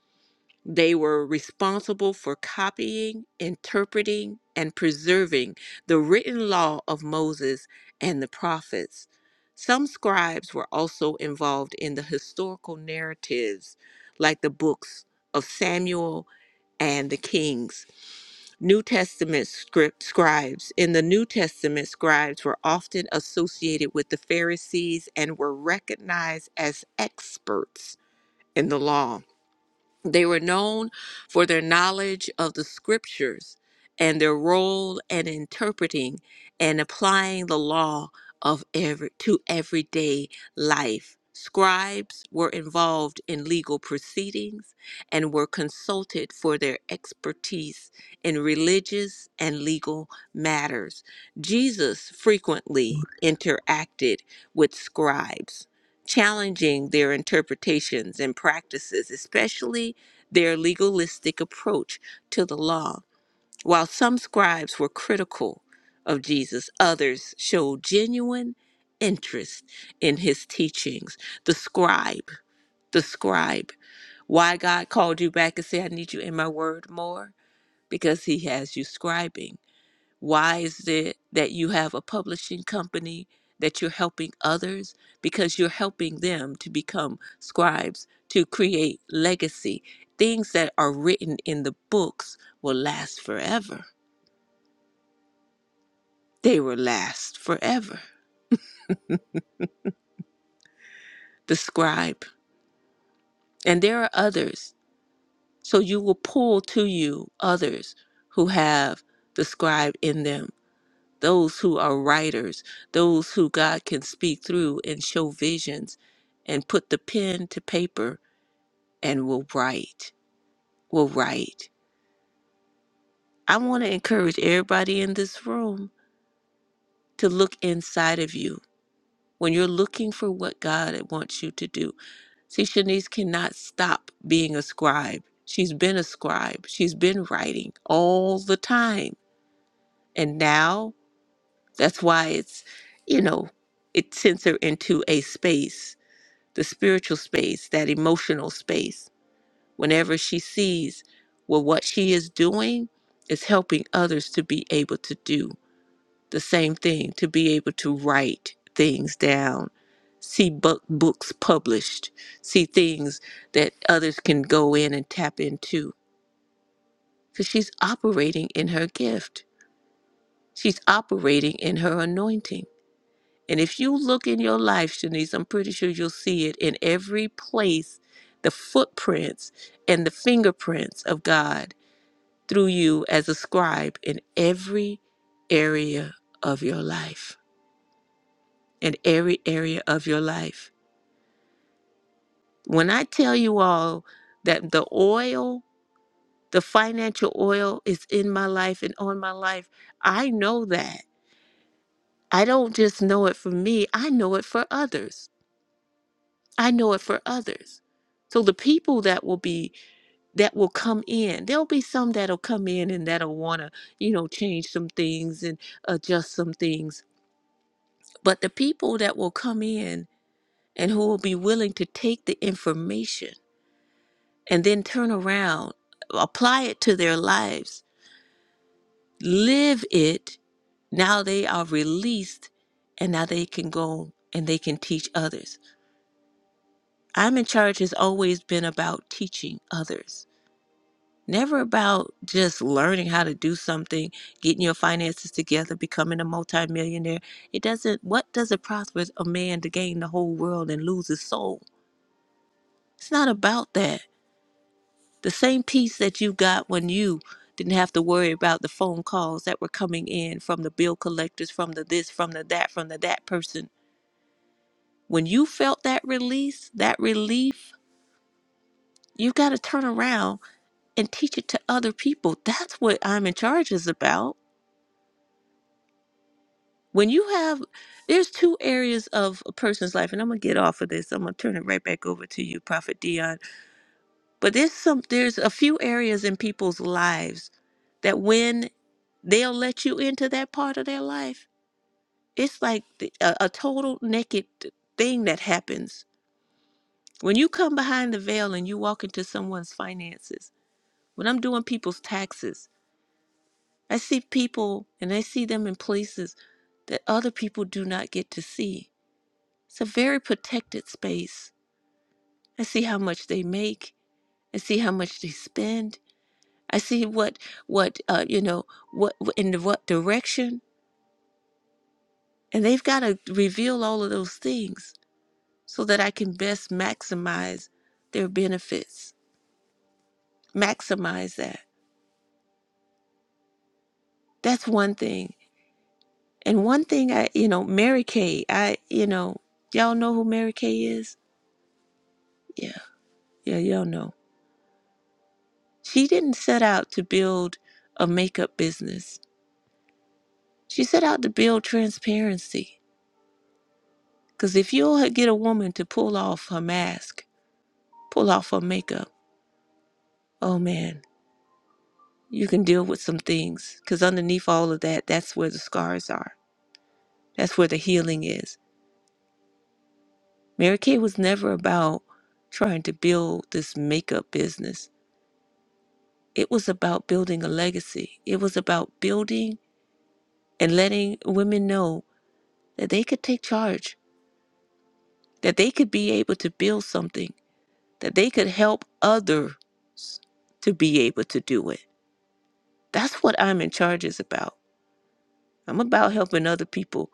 They were responsible for copying, interpreting, and preserving the written law of Moses and the prophets. Some scribes were also involved in the historical narratives, like the books of Samuel and the Kings. New Testament script scribes. In the New Testament, scribes were often associated with the Pharisees and were recognized as experts in the law. They were known for their knowledge of the scriptures and their role in interpreting and applying the law of every, to everyday life. Scribes were involved in legal proceedings and were consulted for their expertise in religious and legal matters. Jesus frequently interacted with scribes challenging their interpretations and practices, especially their legalistic approach to the law. While some scribes were critical of Jesus, others showed genuine interest in his teachings. The scribe, the scribe, why God called you back and said, I need you in my word more? Because he has you scribing why is it that you have a publishing company that you're helping others? Because you're helping them to become scribes, to create legacy. Things that are written in the books will last forever. They will last forever. The scribe. And there are others. So you will pull to you others who have the scribe in them those who are writers, those who God can speak through and show visions and put the pen to paper and will write, will write. I want to encourage everybody in this room to look inside of you when you're looking for what God wants you to do. See, Shanice cannot stop being a scribe. She's been a scribe, she's been writing all the time. And now that's why it's, you know, it sends her into a space the spiritual space, that emotional space, whenever she sees well, what she is doing is helping others to be able to do the same thing, to be able to write things down, see book, books published, see things that others can go in and tap into. Because she's operating in her gift, she's operating in her anointing. And if you look in your life, Shanice, I'm pretty sure you'll see it in every place the footprints and the fingerprints of God through you as a scribe in every area of your life. In every area of your life. When I tell you all that the oil, the financial oil is in my life and on my life, I know that. I don't just know it for me, I know it for others. I know it for others. So the people that will be that will come in, there'll be some that'll come in and that'll want to, you know, change some things and adjust some things. But the people that will come in and who will be willing to take the information and then turn around, apply it to their lives, live it, now they are released and now they can go and they can teach others. I'm in charge has always been about teaching others never about just learning how to do something, getting your finances together, becoming a multimillionaire. It doesn't, what does it prosper a man to gain the whole world and lose his soul? It's not about that. The same peace that you got when you didn't have to worry about the phone calls that were coming in from the bill collectors, from the this, from the that, from the that person. When you felt that release, that relief, you got to turn around and teach it to other people. That's what I'm in charge is about When you have, there's two areas of a person's life, and I'm gonna get off of this. I'm gonna turn it right back over to you, Prophet Dion. But there's some, there's a few areas in people's lives that when they'll let you into that part of their life, it's like the, a, a total naked thing that happens. When you come behind the veil and you walk into someone's finances, when I'm doing people's taxes, I see people and I see them in places that other people do not get to see It's a very protected space. I see how much they make. I see how much they spend. I see what what uh, you know what in what direction, and they've got to reveal all of those things so that I can best maximize their benefits. Maximize that. That's one thing. And one thing I you know Mary Kay. I you know y'all know who Mary Kay is. Yeah, yeah, y'all know. She didn't set out to build a makeup business She set out to build transparency. Because if you'll get a woman to pull off her mask, pull off her makeup, oh man, you can deal with some things. Because underneath all of that, that's where the scars are, that's where the healing is. Mary Kay was never about trying to build this makeup business, it was about building a legacy. It was about building and letting women know that they could take charge, that they could be able to build something that they could help others to be able to do it. That's what I'm in charge is about. I'm about helping other people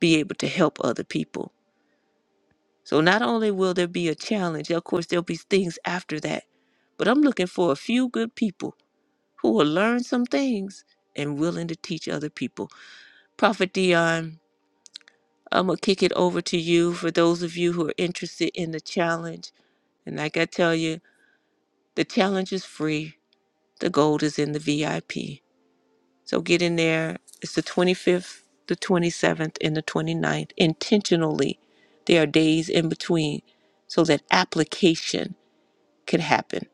be able to help other people. So not only will there be a challenge, of course there'll be things after that, but I'm looking for a few good people who will learn some things and willing to teach other people. Prophet Dion, I'm gonna kick it over to you for those of you who are interested in the challenge. And like I tell you, the challenge is free. The gold is in the VIP. So get in there. It's the 25th, the 27th, and the twenty ninth. Intentionally, there are days in between so that application could happen.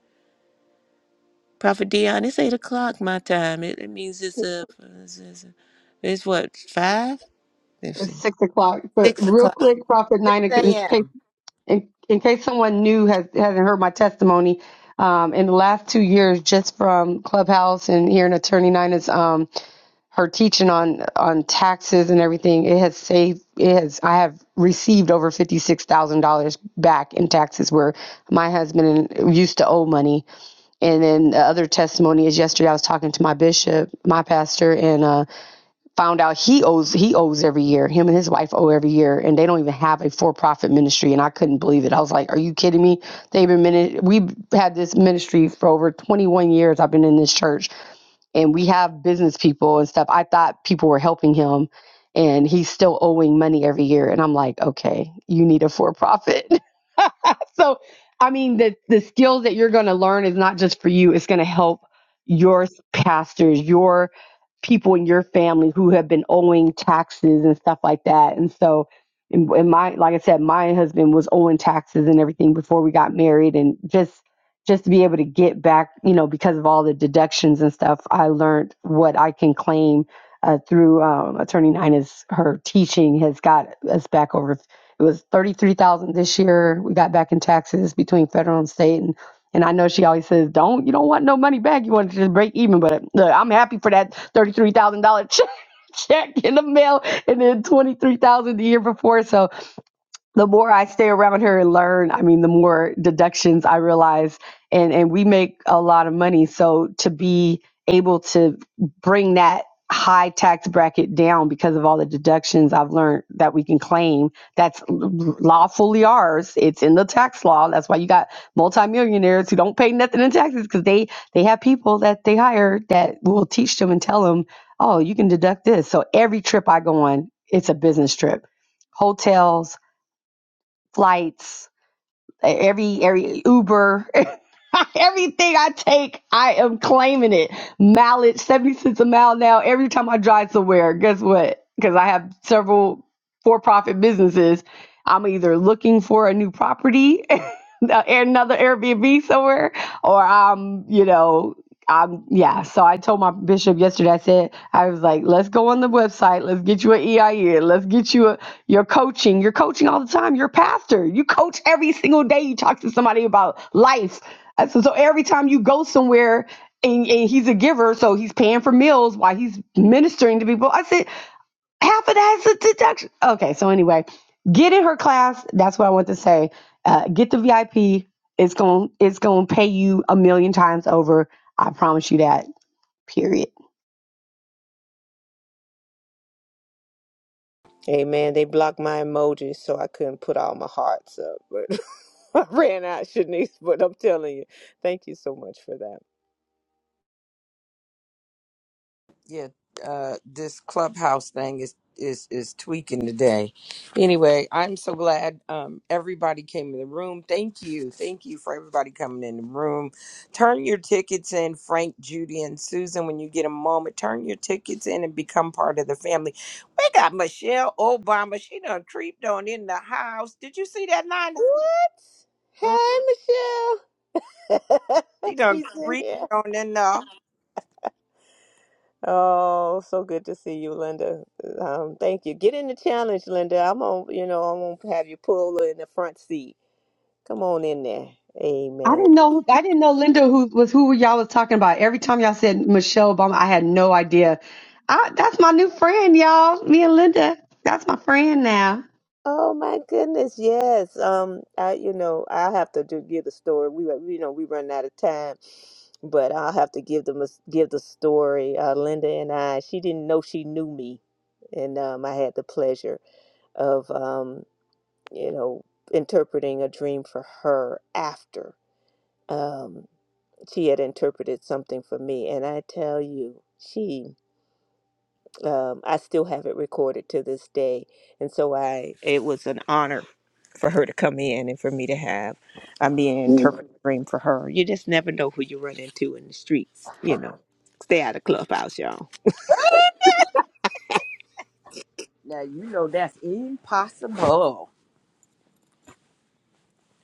Prophet Dion, it's 8 o'clock my time. It, it means it's, a, it's, it's, it's what, 5? Let's
It's
see.
six o'clock, but
6
real
o'clock.
quick, Prophet
6
Nine, in case,
a.m.
in, in case someone new has, hasn't heard my testimony, um, in the last two years, just from Clubhouse and hearing Attorney Nina's um her teaching on on taxes and everything it has saved it has i have received over $56000 back in taxes where my husband and- used to owe money and then the other testimony is yesterday i was talking to my bishop my pastor and uh, found out he owes he owes every year him and his wife owe every year and they don't even have a for-profit ministry and i couldn't believe it i was like are you kidding me they've been mini- we've had this ministry for over 21 years i've been in this church and we have business people and stuff. I thought people were helping him and he's still owing money every year. And I'm like, okay, you need a for profit. so i mean the the skills that you're going to learn is not just for you it's going to help your pastors your people in your family who have been owing taxes and stuff like that and so and, and my like i said my husband was owing taxes and everything before we got married and just just to be able to get back you know because of all the deductions and stuff i learned what i can claim uh, through um, attorney nine her teaching has got us back over it was thirty-three thousand this year. We got back in taxes between federal and state, and and I know she always says, "Don't you don't want no money back? You want to just break even." But look, I'm happy for that thirty-three thousand dollar check check in the mail, and then twenty-three thousand the year before. So the more I stay around her and learn, I mean, the more deductions I realize, and and we make a lot of money. So to be able to bring that high tax bracket down because of all the deductions I've learned that we can claim that's lawfully ours. It's in the tax law. That's why you got multimillionaires who don't pay nothing in taxes because they they have people that they hire that will teach them and tell them, oh, you can deduct this. So every trip I go on, it's a business trip hotels, flights, e-, every every Uber, everything I take, I am claiming it. Mileage, 70 cents a mile now. Every time I drive somewhere, guess what? Because I have several for profit businesses, I'm either looking for a new property. Another Airbnb somewhere, or I'm, you know, um yeah so i told my bishop yesterday i said i was like let's go on the website let's get you an eia let's get you a your coaching you're coaching all the time you're a pastor you coach every single day you talk to somebody about life Uh, so, so every time you go somewhere and, and he's a giver so he's paying for meals while he's ministering to people i said half of that's a deduction. Okay, so anyway, get in her class. That's what I want to say. Uh, get the VIP. It's going to it's going to pay you a million times over. I promise you that. Period.
So, Brandy, thank you so much.
yeah, uh, this clubhouse thing is is is tweaking today. Anyway, I'm so glad um, everybody came in the room. Thank you, thank you for everybody coming in the room. Turn your tickets in, Frank, Judy, and Susan. When you get a moment, turn your tickets in and become part of the family. We got Michelle Obama. She done creeped on in the house. Did you see that, Nana?
What?
Mm,
Hey, Michelle.
She done
She's in
creeped
here.
on in the.
Oh, so good to see you, Linda. Um, thank you. Get in the challenge, Linda. I'm on, you know, I'm gonna have you pull in the front seat. Come on in there.
I
Amen.
didn't know. I didn't know Linda who was who y'all was talking about. Every time y'all said Michelle Obama, I had no idea. I, that's my new friend, y'all. Me and Linda. That's my friend now.
Oh my goodness, yes. Um, I, you know, I have to do, give the story. We, were- you know, we run out of time, but I'll have to give them, a, give the story. Uh, Linda and I, she didn't know she knew me, and um, I had the pleasure of, um, you know, interpreting a dream for her after. um, she had interpreted something for me and i tell you she um, i still have it recorded to this day and so i it was an honor for her to come in and for me to have i mean interpret dream for her you just never know who you run into in the streets you know stay out of clubhouse y'all
Now you know that's impossible.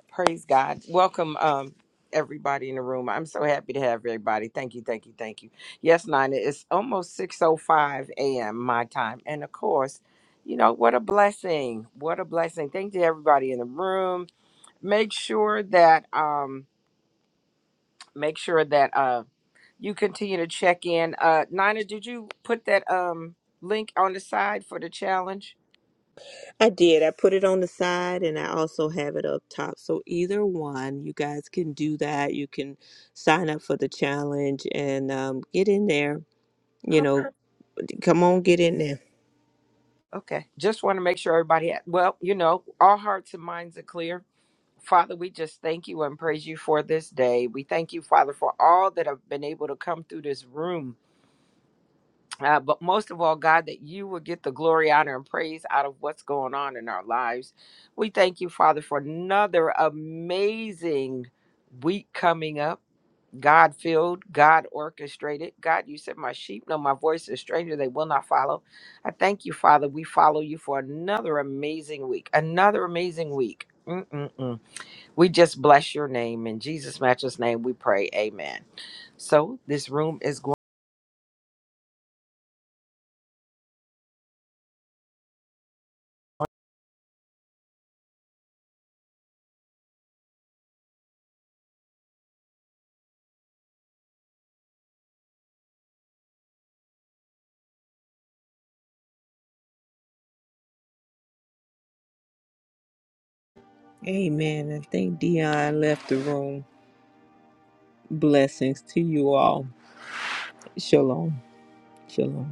Praise God. Welcome, um, everybody in the room. I'm so happy to have everybody. Thank you, thank you, thank you. Yes, Nina, it's almost 6.05 a.m. my time. And of course, you know, what a blessing. What a blessing. Thank you to everybody in the room. Make sure that um make sure that uh, you continue to check in. Uh, Nina, did you put that um link on the side for the challenge?
i did i put it on the side and i also have it up top so either one you guys can do that you can sign up for the challenge and um, get in there you know Come on, get in there.
Okay. Just want to make sure everybody, had, well, you know, our hearts and minds are clear. Father, we just thank you and praise you for this day. We thank you, Father, for all that have been able to come through this room. uh, but most of all, God, that you will get the glory, honor, and praise out of what's going on in our lives. We thank you, Father, for another amazing week coming up. God filled, God orchestrated. God, you said, My sheep know my voice, a stranger they will not follow. I thank you, Father. We follow you for another amazing week, another amazing week. Mm-mm-mm. We just bless your name. In Jesus' matchless name, we pray. Amen. So, this room is going.
Amen. I think Dion left the room. Blessings to you all. Shalom. Shalom.